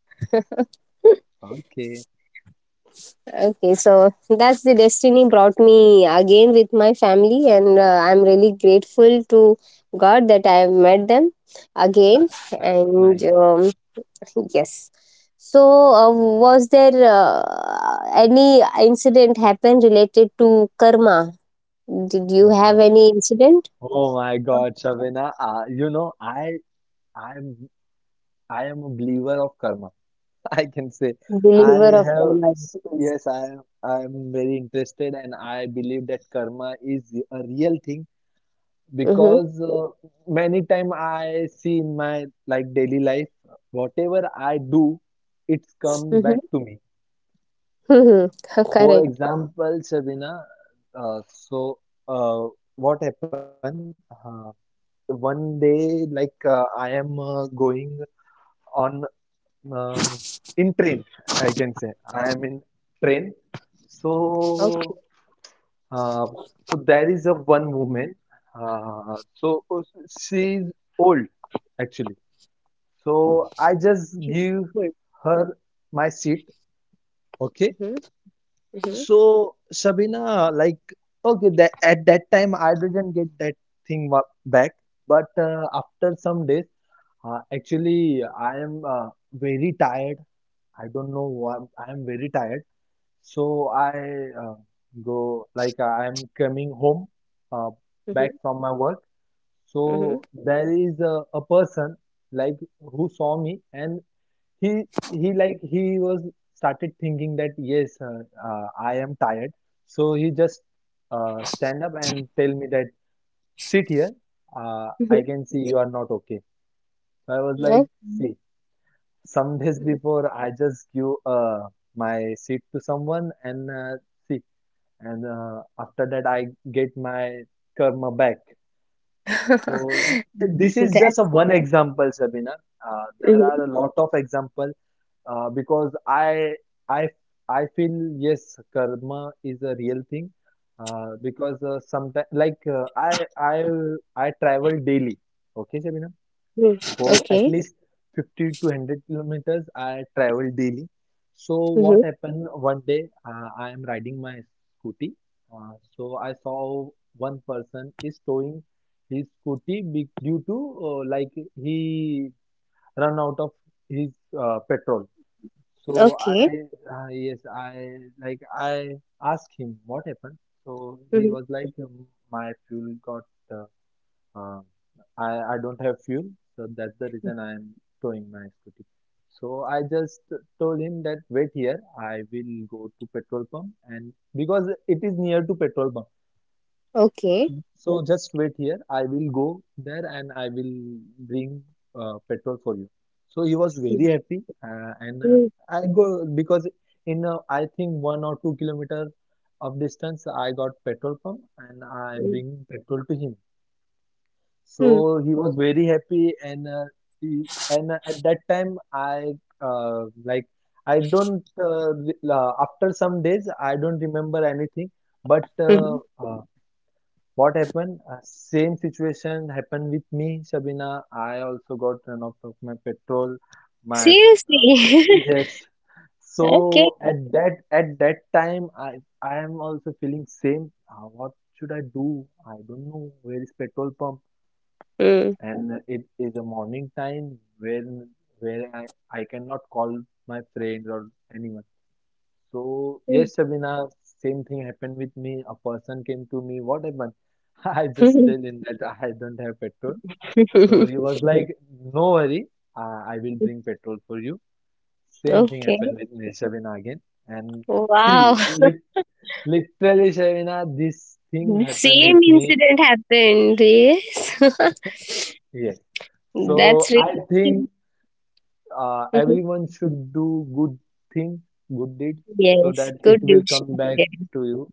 Speaker 1: us.
Speaker 2: Okay,
Speaker 1: Okay, so that's the destiny brought me again with my family, and I'm really grateful to God that I have met them again.
Speaker 2: nice,
Speaker 1: And
Speaker 2: nice.
Speaker 1: yes. So, was there any incident happen related to karma? Did you have
Speaker 2: Oh,
Speaker 1: any incident?
Speaker 2: oh my God, Shavina. I'm, I am a believer of karma. I can say, I
Speaker 1: Believer of
Speaker 2: have.
Speaker 1: karma.
Speaker 2: Yes, I am very interested, and I believe that karma is a real thing,
Speaker 1: Mm-hmm.
Speaker 2: because many time I see in my like daily life, whatever I do, it's
Speaker 1: Mm-hmm.
Speaker 2: come back to me.
Speaker 1: Mm-hmm.
Speaker 2: For
Speaker 1: Correct.
Speaker 2: example, Shabina, uh, so uh, what happened? One day, like I am, going on uh, in train, I can say I am in train.
Speaker 1: Okay.
Speaker 2: So uh, so, there is a one woman. Uh, so she is old, actually. So I just give
Speaker 1: Good.
Speaker 2: her my seat. Okay.
Speaker 1: Mm-hmm. Mm-hmm.
Speaker 2: So Shabina, like, okay, that at that time I didn't get that back, but after some days, actually I am very tired. I don't know why I am very tired. So I go, like I am coming home, uh,
Speaker 1: Mm-hmm.
Speaker 2: back from my work.
Speaker 1: Mm-hmm.
Speaker 2: So there is a person, like who saw me, and he he like he was started thinking that, yes, I am tired. So he just, stand up and tell me that, sit here, I
Speaker 1: Mm-hmm.
Speaker 2: can see you are not okay. So I was like,
Speaker 1: Oh.
Speaker 2: see, some days before I just give, my seat to someone, and see, and after that I get my karma back. So this is
Speaker 1: That.
Speaker 2: just a one example, Sabina. Uh, there are
Speaker 1: Mm-hmm.
Speaker 2: a lot of examples, because I I feel, yes, karma is a real thing, because sometimes, like, I travel daily. Okay, Shabina,
Speaker 1: Mm-hmm.
Speaker 2: for at
Speaker 1: Okay.
Speaker 2: least 50 to 100 kilometers, I travel daily. So what
Speaker 1: Mm-hmm.
Speaker 2: happened one day? I am riding my scooty. So I saw one person is towing his due to, uh, like he run out of his, petrol. So
Speaker 1: Okay.
Speaker 2: yes, I asked him what happened. So he
Speaker 1: Mm-hmm.
Speaker 2: was like, uh, um, I don't have fuel, so that's the reason I am towing my scooty. So I just told him that, wait here, I will go to petrol pump, and because it is near to petrol pump.
Speaker 1: Okay.
Speaker 2: So just wait here. I will go there, and I will bring, petrol for you. So he was very happy, and
Speaker 1: Mm-hmm.
Speaker 2: I go, because in I think 1 or 2 kilometer of distance I got petrol pump, and I
Speaker 1: Mm-hmm.
Speaker 2: bring petrol to him. So he was very happy, and at that time uh, like I don't re- after some days I don't remember anything, but,
Speaker 1: Mm-hmm.
Speaker 2: what happened? Same situation happened with me, Shabina. I also got run out of my petrol. My uh,
Speaker 1: Seriously.
Speaker 2: yes.
Speaker 1: Okay.
Speaker 2: So at that time, I am also feeling same. What should I do? I don't know where is petrol pump,
Speaker 1: Mm.
Speaker 2: and it is a morning time when where I cannot call my friends or anyone. So, yes, Shabina, same thing happened with me. A person came to me, what happened? I just tell him that I don't have petrol. So he was like, no worry, I will bring petrol for you. Same thing
Speaker 1: Okay.
Speaker 2: happened with me, Shabina, again. And see,
Speaker 1: Wow.
Speaker 2: literally, Shabina, these things
Speaker 1: The
Speaker 2: happen
Speaker 1: same
Speaker 2: with me.
Speaker 1: incident happened. Yes.
Speaker 2: Yes.
Speaker 1: That's
Speaker 2: So
Speaker 1: really.
Speaker 2: I think
Speaker 1: Mhm.
Speaker 2: everyone should do good things, good deeds, so
Speaker 1: Yes.
Speaker 2: that it
Speaker 1: Good
Speaker 2: will come
Speaker 1: decision.
Speaker 2: back to you.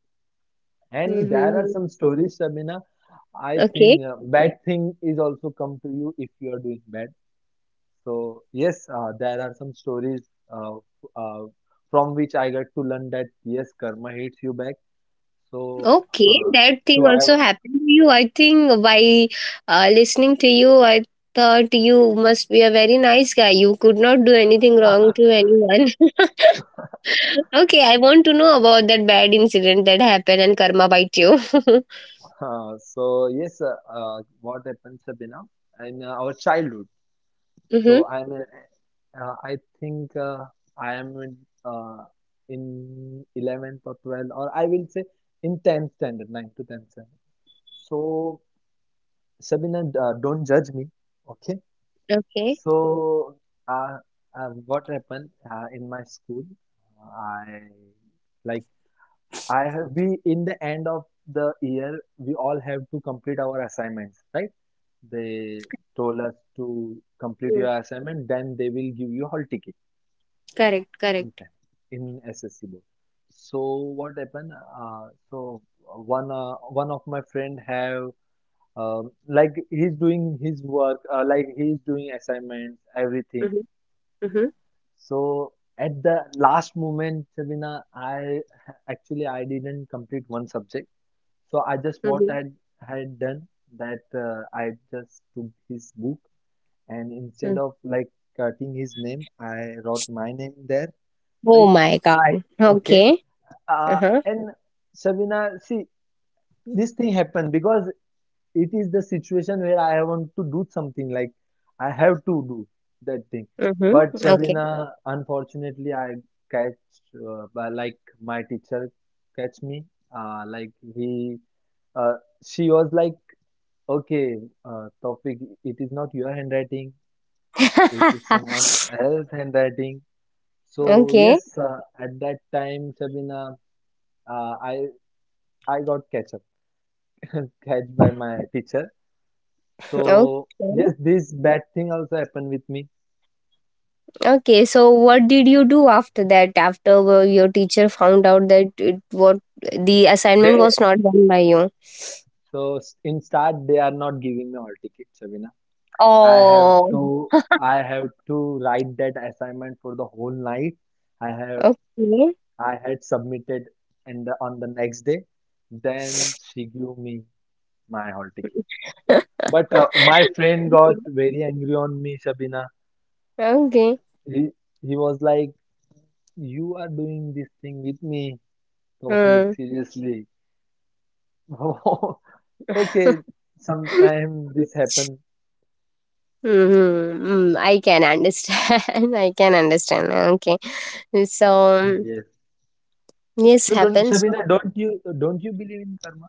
Speaker 2: And there
Speaker 1: Mm-hmm.
Speaker 2: are some stories, Sabina. I
Speaker 1: Okay.
Speaker 2: think bad thing is also come to you if you are doing bad. So yes, there are some stories uh, f- uh, from which I got to learn that, yes, karma hates you back. So
Speaker 1: Okay,
Speaker 2: uh,
Speaker 1: that thing
Speaker 2: to I,
Speaker 1: also happened to you. I think by listening to you, I thought you must be a very nice guy. You could not do anything wrong to anyone. Okay, I want to know about that bad incident that happened and karma bite you. Mm-hmm.
Speaker 2: yes, what happened, Sabina, in our childhood. I think I am uh, in 11th or 12th, or I will say in 10th standard, ninth to 10th. So, Sabina, don't judge me, okay?
Speaker 1: Okay.
Speaker 2: So, uh, what happened in my school? I like I have We in the end of the year we all have to complete our assignments, right? They told us to complete
Speaker 1: Mm,
Speaker 2: your assignment, then they will give you hall ticket
Speaker 1: correct,
Speaker 2: in
Speaker 1: correct.
Speaker 2: time in SSC board. So what happened? One of my friend have, like he's doing his work, like he's doing assignments everything.
Speaker 1: Mm-hmm. Mm-hmm.
Speaker 2: So at the last moment, Sabina, I didn't complete one subject. So I just
Speaker 1: Mm-hmm.
Speaker 2: had done that. Uh, I just took his book, and
Speaker 1: Mm.
Speaker 2: instead of like cutting his name, I wrote my name there,
Speaker 1: Oh
Speaker 2: like,
Speaker 1: my God.
Speaker 2: okay,
Speaker 1: Okay.
Speaker 2: uh,
Speaker 1: Uh-huh.
Speaker 2: and Sabina, see, this thing happened because it is the situation where I want to do something, like I have to do that thing. But
Speaker 1: Mm-hmm. Okay.
Speaker 2: Shabina, unfortunately, I catch, by like my teacher catch me. Uh, like he, uh, she was like, okay, topic. It is not your handwriting. It is someone else handwriting. So
Speaker 1: Okay.
Speaker 2: yes, at that time, Shabina, uh, I I got catch by my teacher.
Speaker 1: Okay.
Speaker 2: So yes, this bad thing also happened with me.
Speaker 1: Okay, so what did you do after that? After your teacher found out that what, the assignment
Speaker 2: They
Speaker 1: was not done by you?
Speaker 2: in start they are not giving me all tickets, Sabina. I have
Speaker 1: Oh.
Speaker 2: to I have to write that assignment for the whole night. I have
Speaker 1: Okay.
Speaker 2: I had submitted, on the next day. Then she gave me my hall ticket. But my friend got
Speaker 1: Okay,
Speaker 2: very angry on me, Sabina.
Speaker 1: okay.
Speaker 2: He he was like, "You are doing this thing with me, Tofik.
Speaker 1: Hmm.
Speaker 2: Seriously." Okay, sometime this happens.
Speaker 1: Mm-hmm. Mm, I can understand. I can understand. Okay, so, um,
Speaker 2: Yes.
Speaker 1: yes,
Speaker 2: So don't
Speaker 1: happens.
Speaker 2: Shabina, don't you believe in karma?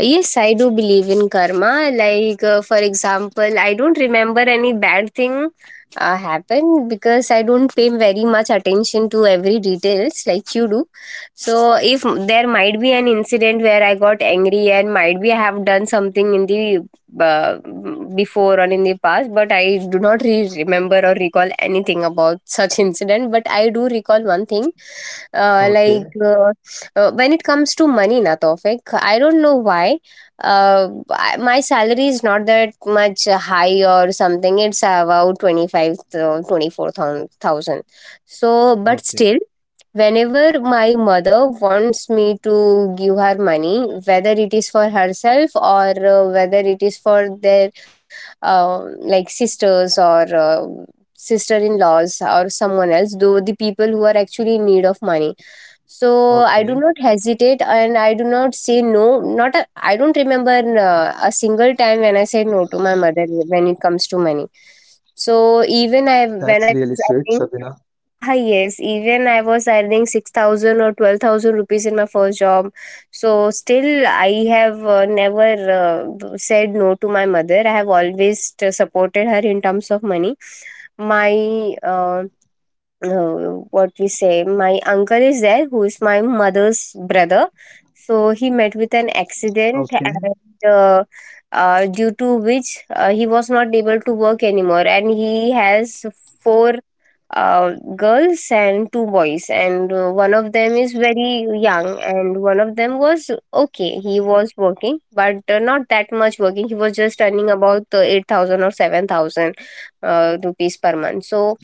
Speaker 1: Yes, I do believe in karma. Like, for example, I don't remember any bad thing happened because I don't pay very much attention to every details like you do. So, if there might be an incident where I got angry and might be I have done something in the uh, before or in the past, but I do not remember or recall anything about such incident. But I do recall one thing, like.
Speaker 2: Okay,
Speaker 1: When it comes to money, na Taufik, I don't know why. Uh, my salary is not that much high or something. It's about 25, 24,000. So, but still,
Speaker 2: okay,
Speaker 1: whenever my mother wants me to give her money, whether it is for herself or whether it is for their uh, like sisters or sister-in-laws or someone else, though the people who are actually in need of money, so I do not
Speaker 2: okay.
Speaker 1: hesitate and I do not say no. Not a, I don't remember a single time when I said no to my mother when it comes to money. So even I
Speaker 2: That's
Speaker 1: when I
Speaker 2: really
Speaker 1: was
Speaker 2: sweet,
Speaker 1: earning,
Speaker 2: Shabina.
Speaker 1: ah, yes, even I was earning 6,000 or 12,000 rupees in my first job. So still I have never said no to my mother. I have always supported her in terms of money. My What we say, my uncle is there who is my mother's brother, so he met with an accident
Speaker 2: Okay,
Speaker 1: and due to which he was not able to work anymore, and he has four girls and two boys, and one of them is very young and one of them was okay, he was working, but not that much working. He was just earning about 8000 or 7000 rupees per month. So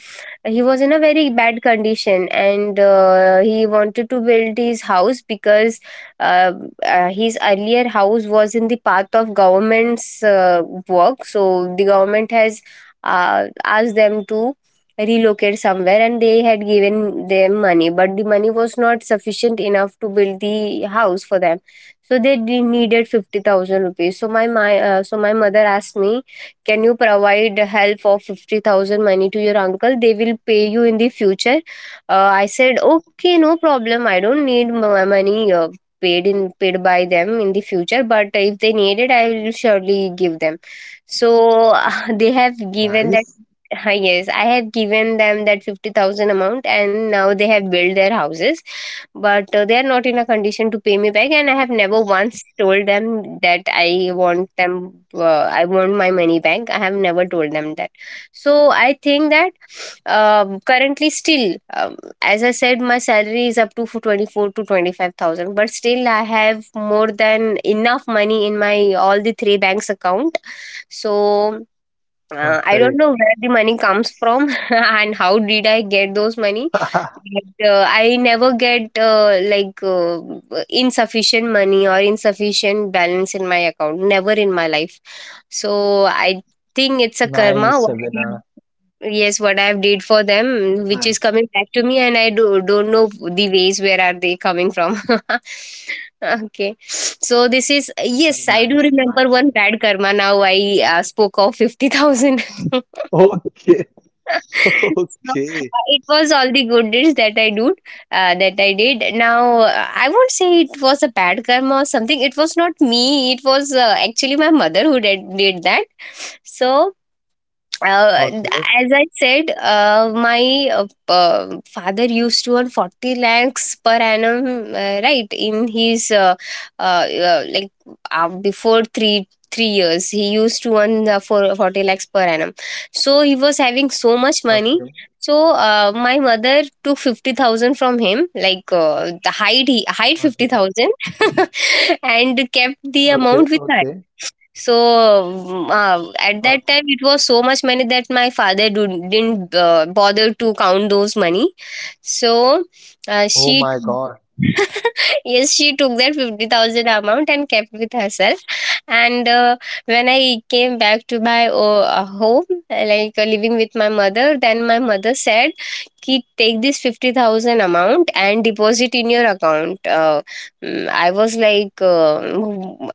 Speaker 1: he was in a very bad condition, and he wanted to build his house, because uh, his earlier house was in the path of government's work. So the government has asked them to relocate somewhere, and they had given them money, but the money was not sufficient enough to build the house for them. So they needed 50,000 rupees. So my mother asked me, can you provide help of 50,000 money to your uncle? They will pay you in the future. I said, okay, no problem, I don't need money paid by them in the future, but if they need it, I will surely give them. So they have given that.
Speaker 2: nice,
Speaker 1: Yes, I have given them that 50,000 amount, and now they have built their houses, but they are not in a condition to pay me back. And I have never once told them that I want them, I want my money back. I have never told them that. So I think that, currently, still, as I said, my salary is up to 24 to 25,000, but still, I have more than enough money in my all the three banks account. So I don't
Speaker 2: perfect.
Speaker 1: know where the money comes from and how did I get those money. But I never get insufficient money or insufficient balance in my account. Never in my life. So I think it's a karma.
Speaker 2: Nice, Shabina.
Speaker 1: Yes, what I've did for them, which is
Speaker 2: Nice,
Speaker 1: coming back to me, and don't know the ways where are they coming from. Okay, so this is, yes, I do
Speaker 2: nice,
Speaker 1: remember
Speaker 2: nice.
Speaker 1: one bad karma. Now I spoke of 50,000.
Speaker 2: Okay,
Speaker 1: So,
Speaker 2: okay,
Speaker 1: it was all the good deeds that that I did. Now I won't say it was a bad karma or something. It was not me. It was actually my mother who did that. So uh,
Speaker 2: okay,
Speaker 1: as I said, my father used to earn 40 lakhs per annum, right? In uh, uh, like, before three years, he used to earn for 40 lakhs per annum. So he was having so much money.
Speaker 2: okay,
Speaker 1: So my mother took 50,000 from him, like hide
Speaker 2: okay,
Speaker 1: 50,000 and kept the
Speaker 2: okay,
Speaker 1: amount with her.
Speaker 2: okay,
Speaker 1: So at that time,
Speaker 2: okay.
Speaker 1: it was so much money that my father didn't bother to count those money. So
Speaker 2: Oh
Speaker 1: she
Speaker 2: my God.
Speaker 1: yes, she took that 50,000 amount and kept with herself. And when I came back to my home, living with my mother, then my mother said, "Ki take this 50,000 amount and deposit in your account. I was like,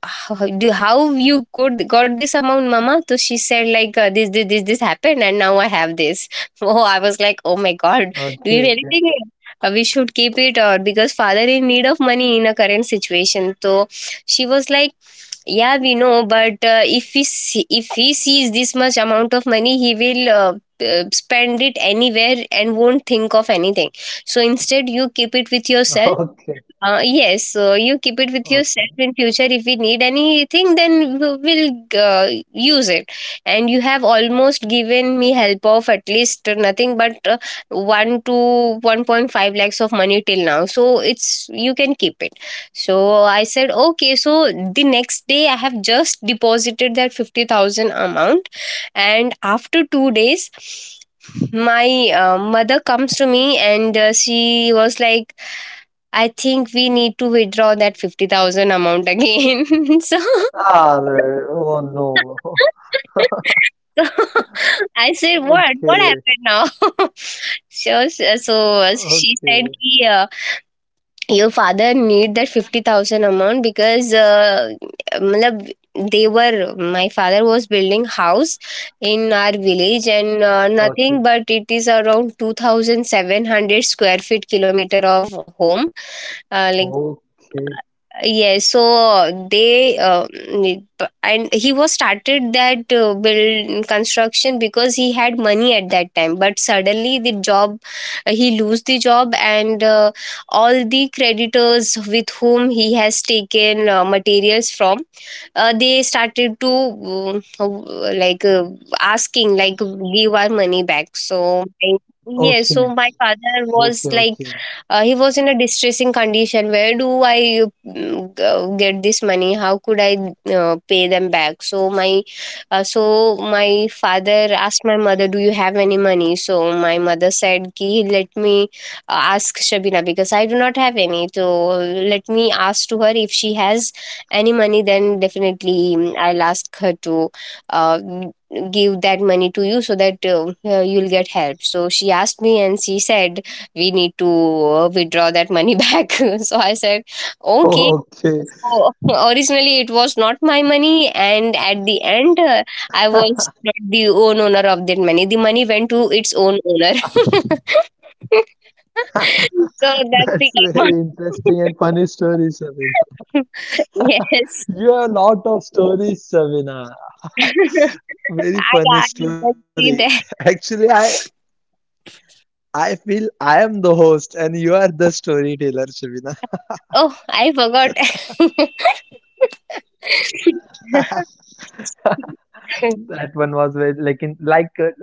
Speaker 1: how you could got this amount, mama? So she said, like, this happened, and now I have this. Oh, I was like, oh my God, do you really think
Speaker 2: Okay,
Speaker 1: we should keep it, or because father in need of money in a current situation? So she was like, yeah, we know, but if he sees this much amount of money, he will spend it anywhere and won't think of anything, so instead you keep it with yourself.
Speaker 2: okay,
Speaker 1: Yes, so you keep it with yourself in
Speaker 2: okay.
Speaker 1: future. If we need anything, then we will use it. And you have almost given me help of at least nothing but 1 to 1.5 lakhs of money till now. So it's, you can keep it. So I said okay. So the next day I have just deposited that 50,000 amount, and after 2 days, my mother comes to me, and she was like, I think we need to withdraw that 50,000 amount again. So,
Speaker 2: Ah, oh no.
Speaker 1: so, I said, what? What
Speaker 2: Okay,
Speaker 1: happened now? So she said,
Speaker 2: okay,
Speaker 1: ki, your father need that 50,000 amount because matlab, my father was building house in our village, and nothing
Speaker 2: okay,
Speaker 1: but it is around 2,700 square feet kilometer of home, uh, like
Speaker 2: okay,
Speaker 1: yes. So and he was started that build construction because he had money at that time. But suddenly he lose the job, and all the creditors with whom he has taken materials from, they started to asking like, give our money back.
Speaker 2: okay,
Speaker 1: Yeah, so my
Speaker 2: okay,
Speaker 1: father
Speaker 2: okay,
Speaker 1: was like, he was in a distressing condition. Where do I get this money? How could I pay them back? So my father asked my mother, do you have any money? So my mother said, ki, let me ask Shabina, because I do not have any. So let me ask to her if she has any money. Then definitely, I'll ask her to uh, give that money to you, so that you'll get help. So she asked me, and she said, we need to withdraw that money back. So I said okay.
Speaker 2: okay.
Speaker 1: So originally it was not my money, and at the end I was not the owner of that money. The money went to its own owner. So that's the
Speaker 2: That's
Speaker 1: karma.
Speaker 2: very interesting and funny story, Sabina.
Speaker 1: Yes.
Speaker 2: You have a lot of stories, Sabina. Very
Speaker 1: i
Speaker 2: funny
Speaker 1: i can
Speaker 2: story.
Speaker 1: see that.
Speaker 2: Actually, I feel I am the host and you are the storyteller, Sabina.
Speaker 1: Oh, I forgot.
Speaker 2: That one was very like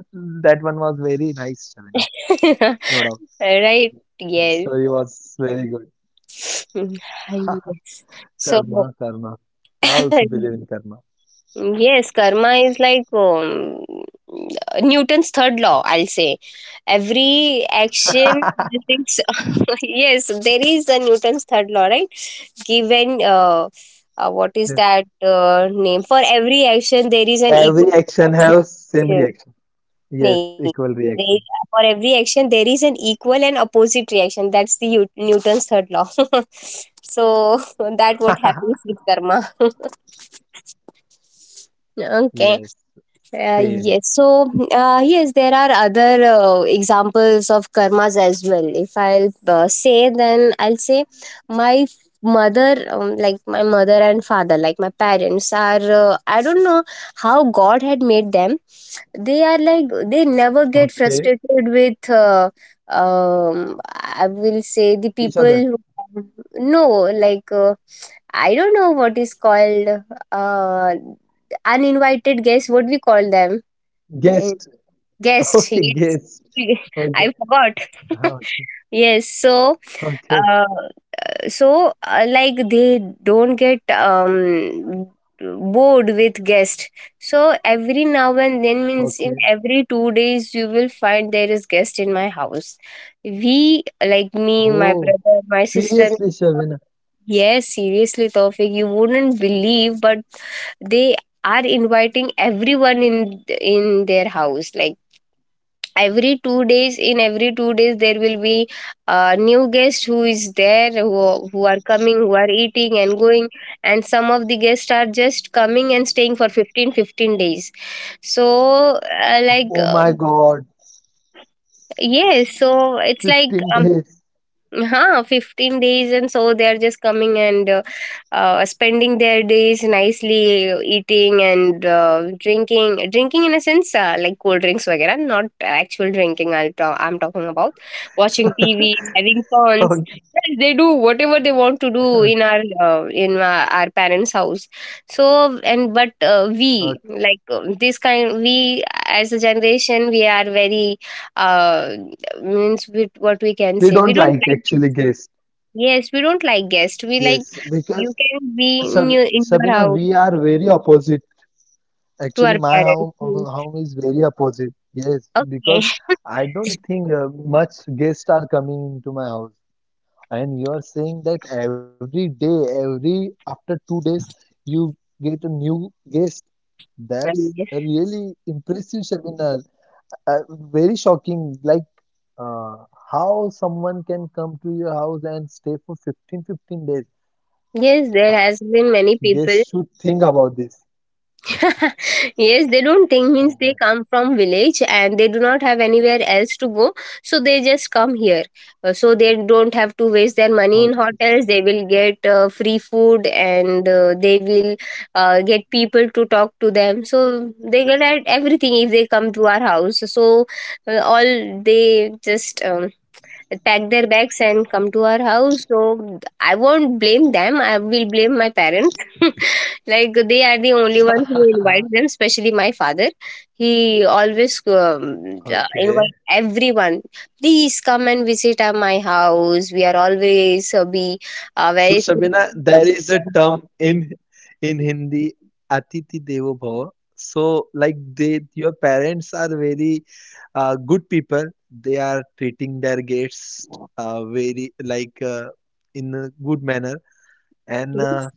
Speaker 2: that one was very nice, Sabina. No doubt.
Speaker 1: Right,
Speaker 2: The
Speaker 1: yes.
Speaker 2: story was very good.
Speaker 1: Mm, hi, yes. So,
Speaker 2: Karma, karma. I also believe in karma.
Speaker 1: yes, karma is like, Newton's third law, I'll say. Every action, results- yes, there is a Newton's third law, right? Given, what is that name? For every action, there is an
Speaker 2: Every
Speaker 1: equal.
Speaker 2: action have same reaction. Yes,
Speaker 1: Nay,
Speaker 2: equal
Speaker 1: there,
Speaker 2: reaction.
Speaker 1: for every action, there is an equal and opposite reaction. That's the Newton's third law. So that what happens with karma. Okay.
Speaker 2: Yes, same.
Speaker 1: Yes. So, yes, there are other examples of karmas as well. If I'll say, then I'll say my mother, like my mother and father, like my parents, are I don't know how God had made them. They are like, they never get
Speaker 2: Okay,
Speaker 1: frustrated with, I will say, the
Speaker 2: each
Speaker 1: people
Speaker 2: other.
Speaker 1: who, no, like, I don't know what is called, uh, uninvited guest. What we call them? Eh,
Speaker 2: Guest.
Speaker 1: guest.
Speaker 2: Okay, guest.
Speaker 1: Yes.
Speaker 2: Okay.
Speaker 1: I forgot.
Speaker 2: हाँ, Okay.
Speaker 1: Yes. So,
Speaker 2: Okay.
Speaker 1: uh, like they don't get bored with guest. So every now and then, means in
Speaker 2: Okay. Okay.
Speaker 1: every 2 days, you will find there is guest in my house. We, like me, my
Speaker 2: Oh,
Speaker 1: brother, my sister,
Speaker 2: seriously, Shavina.
Speaker 1: yes, seriously, Tawfiq, you wouldn't believe, but they are inviting everyone in their house. Like every 2 days, in every 2 days, there will be a new guest who is there, who are coming, who are eating and going, and some of the guests are just coming and staying for 15 days. So, like,
Speaker 2: Oh my God.
Speaker 1: yes, so it's like
Speaker 2: 15 days.
Speaker 1: Huh, 15 days. And so they are just coming and spending their days nicely, eating and drinking in a sense, like cold drinks wagera, not actual drinking. I'm talking about watching TVs, having fawns.
Speaker 2: Okay.
Speaker 1: Yes, they do whatever they want to do in
Speaker 2: Okay.
Speaker 1: our parents house. So and but We,
Speaker 2: Okay.
Speaker 1: like, this kind, we as a generation, we are very uh, means, with what we can
Speaker 2: We
Speaker 1: say, we
Speaker 2: don't
Speaker 1: don't
Speaker 2: like
Speaker 1: like.
Speaker 2: actually guest.
Speaker 1: Yes, we don't like guests. We like
Speaker 2: Yes,
Speaker 1: you
Speaker 2: because
Speaker 1: can be
Speaker 2: Shab
Speaker 1: in your
Speaker 2: Shabina,
Speaker 1: house
Speaker 2: we are very opposite.
Speaker 1: to
Speaker 2: Actually,
Speaker 1: our
Speaker 2: my
Speaker 1: parents.
Speaker 2: home,
Speaker 1: Yes.
Speaker 2: home is very opposite. Yes, because I don't think much guests are coming into my house. And you are saying that every day, every after 2 days, you get a new guest. That's
Speaker 1: Okay.
Speaker 2: a really impressive, Shabinar. Very shocking. Like uh, how someone can come to your house and stay for 15, 15 days.
Speaker 1: Yes, there has been many people.
Speaker 2: Guests should think about this.
Speaker 1: Yes, they don't think, means
Speaker 2: Oh
Speaker 1: they
Speaker 2: my
Speaker 1: come from village and they do not have anywhere else to go, so they just come here. So they don't have to waste their money in
Speaker 2: God.
Speaker 1: hotels. They will get free food, and they will get people to talk to them. So they get at everything if they come to our house. So all they just pack their bags and come to our house. So I won't blame them, I will blame my parents. Like, they are the only ones who
Speaker 2: Okay.
Speaker 1: invite them, especially my father. He always
Speaker 2: Okay.
Speaker 1: invite everyone, please come and visit at my house, we are always be
Speaker 2: So
Speaker 1: very.
Speaker 2: Sabina, there is a term in Hindi, Atithi Devo Bhava. So like they, your parents are very good people. They are treating their guests very like in a good manner, and
Speaker 1: Yes.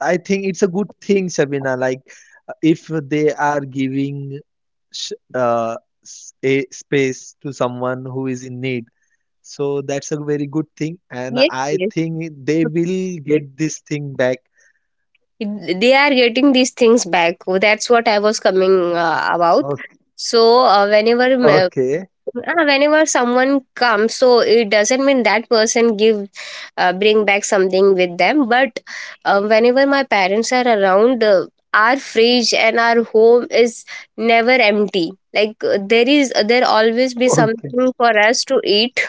Speaker 2: I think it's a good thing, Sabina. Like if they are giving sh uh, a space to someone who is in need. So that's a very good thing, and I
Speaker 1: Yes,
Speaker 2: think they will get this thing back.
Speaker 1: they are getting these things back. That's what I was coming about.
Speaker 2: Okay,
Speaker 1: So,
Speaker 2: okay,
Speaker 1: whenever someone comes, so it doesn't mean that person give, bring back something with them. But whenever my parents are around, our fridge and our home is never empty. Like, there always be
Speaker 2: okay,
Speaker 1: something for us to eat,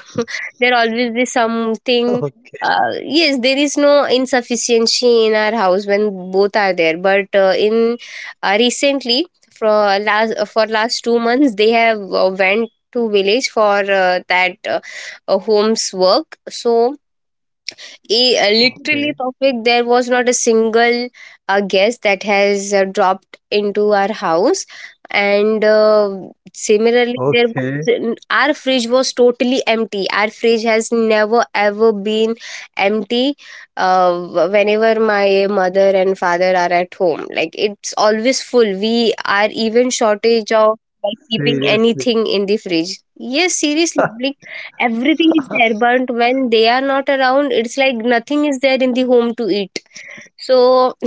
Speaker 1: there always be something
Speaker 2: okay,
Speaker 1: uh, yes, there is no insufficiency in our house when both are there. But in recently, for for last 2 months they have went to village for that homes work. So, literally
Speaker 2: okay,
Speaker 1: topic, there was not a single guest that has dropped into our house. And similarly, there
Speaker 2: okay.
Speaker 1: was, our fridge was totally empty. Our fridge has never ever been empty whenever my mother and father are at home. Like, it's always full, we are even shortage of like keeping
Speaker 2: Seriously.
Speaker 1: anything in the fridge. Yes, seriously, like, everything is there. But when they are not around, it's like nothing is there in the home to eat. So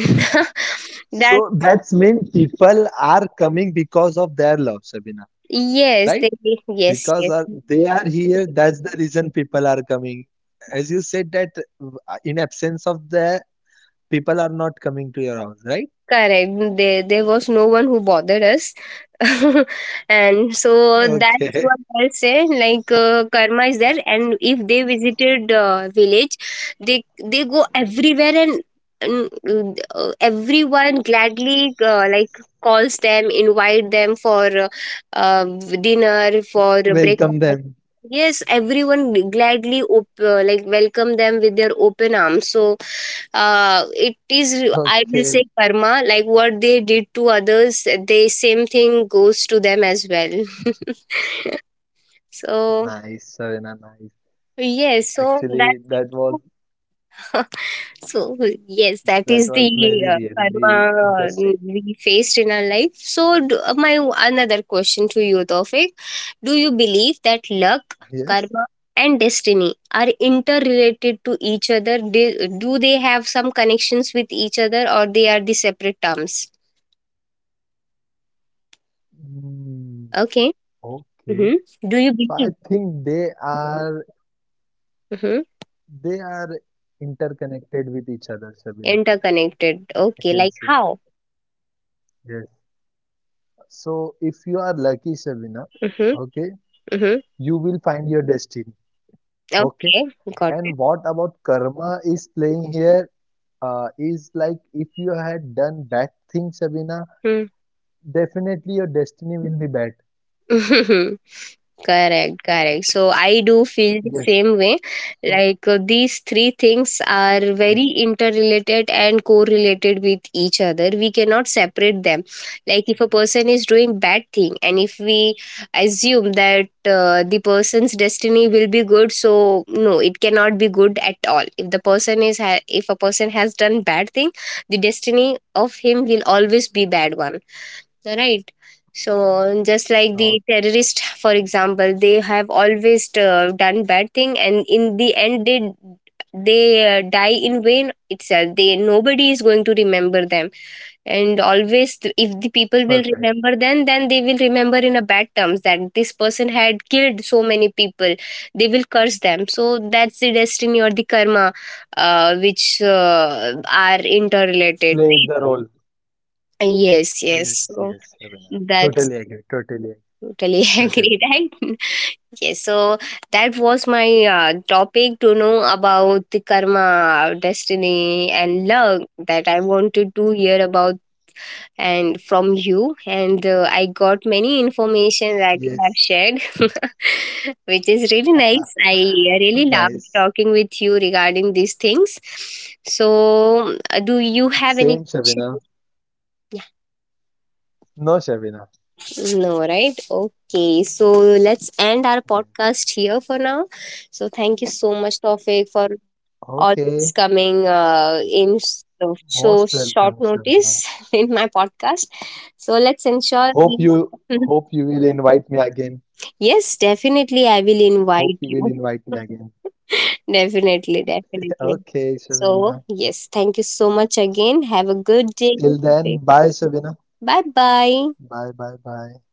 Speaker 1: that.
Speaker 2: So that's mean people are coming because of their love, Sabina,
Speaker 1: Yes,
Speaker 2: right?
Speaker 1: they. Yes,
Speaker 2: Because
Speaker 1: yes.
Speaker 2: are, they are here, that's the reason people are coming. As you said that in absence of the people are not coming to your house, right?
Speaker 1: Correct. There was no one who bothered us. And so that's
Speaker 2: Okay,
Speaker 1: what I say. Like, karma is there, and if they visited village, they go everywhere. And, everyone gladly, like, calls them, invite them for uh, dinner, for
Speaker 2: welcome
Speaker 1: breakfast.
Speaker 2: them.
Speaker 1: Yes, everyone gladly like welcome them with their open arms. So it is, I will say,
Speaker 2: Okay,
Speaker 1: karma. Like, what they did to others, the same thing goes to them as well. So,
Speaker 2: nice, Sabina, nice.
Speaker 1: yes, so that.
Speaker 2: Actually,
Speaker 1: So yes, that is
Speaker 2: that
Speaker 1: the
Speaker 2: was very
Speaker 1: karma
Speaker 2: really
Speaker 1: uh,
Speaker 2: interesting.
Speaker 1: we faced in our life. So, my another question to you, Tofik, do you believe that luck, karma
Speaker 2: Yes.
Speaker 1: and destiny are interrelated to each other? Do they have some connections with each other, or they are the separate terms?
Speaker 2: Mm,
Speaker 1: Okay.
Speaker 2: okay.
Speaker 1: Mm-hmm. Do you
Speaker 2: So I
Speaker 1: believe?
Speaker 2: think they are
Speaker 1: Mm-hmm.
Speaker 2: they are interconnected with each other, Shabina.
Speaker 1: Interconnected,
Speaker 2: I
Speaker 1: okay.
Speaker 2: can
Speaker 1: Like
Speaker 2: say.
Speaker 1: how?
Speaker 2: Yes. So if you are lucky, Shabina,
Speaker 1: Mm-hmm.
Speaker 2: okay,
Speaker 1: Mm-hmm.
Speaker 2: you will find your destiny. Okay.
Speaker 1: Okay, got it.
Speaker 2: And what about karma is playing here? Is like if you had done bad things, Shabina, definitely your destiny will be bad.
Speaker 1: Hmm. Correct, correct. So I do feel the
Speaker 2: Yes.
Speaker 1: same way.
Speaker 2: So,
Speaker 1: Like, these three things are very
Speaker 2: yes.
Speaker 1: interrelated and correlated with each other. We cannot separate them. Like, if a person is doing bad thing, and if we assume that the person's destiny will be good, so no, it cannot be good at all. If the person if a person has done bad thing, the destiny of him will always be bad one, right? So, just like the
Speaker 2: Oh,
Speaker 1: terrorist, for example, they have always done bad thing, and in the end, they die in vain itself. They, nobody is going to remember them. And always, if the people will
Speaker 2: perfect.
Speaker 1: remember, then they will remember in a bad terms, that this person had killed so many people. They will curse them. So that's the destiny or the karma which are interrelated.
Speaker 2: Play the role.
Speaker 1: Yes, yes,
Speaker 2: Yes,
Speaker 1: so
Speaker 2: yes, Shabina.
Speaker 1: that's.
Speaker 2: Totally agree. Totally agree.
Speaker 1: Totally
Speaker 2: Totally
Speaker 1: agree, right? Yes, so that was my topic, to know about the karma, destiny, and luck that I wanted to hear about and from you. And I got many information that
Speaker 2: agree.
Speaker 1: you have
Speaker 2: Yes.
Speaker 1: shared, which is really nice. I really loved
Speaker 2: Nice.
Speaker 1: talking with you regarding these things. So, do you have any
Speaker 2: Same,
Speaker 1: question?
Speaker 2: Shabina. No, Shabina.
Speaker 1: No, right? Okay. So let's end our
Speaker 2: Yes.
Speaker 1: podcast here for now. So thank you so much, Tofik, for
Speaker 2: Okay.
Speaker 1: always coming in so,
Speaker 2: Most
Speaker 1: so
Speaker 2: welcome,
Speaker 1: short
Speaker 2: Shabina.
Speaker 1: notice in my podcast. So let's ensure.
Speaker 2: Hope
Speaker 1: We...
Speaker 2: you hope you will invite me again.
Speaker 1: Yes, definitely, I will
Speaker 2: Hope
Speaker 1: invite
Speaker 2: you will
Speaker 1: you.
Speaker 2: invite me again.
Speaker 1: Definitely, definitely.
Speaker 2: Okay,
Speaker 1: So,
Speaker 2: Shabina.
Speaker 1: yes, thank you so much again. Have a good day.
Speaker 2: Till then, bye, Shabina.
Speaker 1: Bye bye.
Speaker 2: Bye, bye, bye.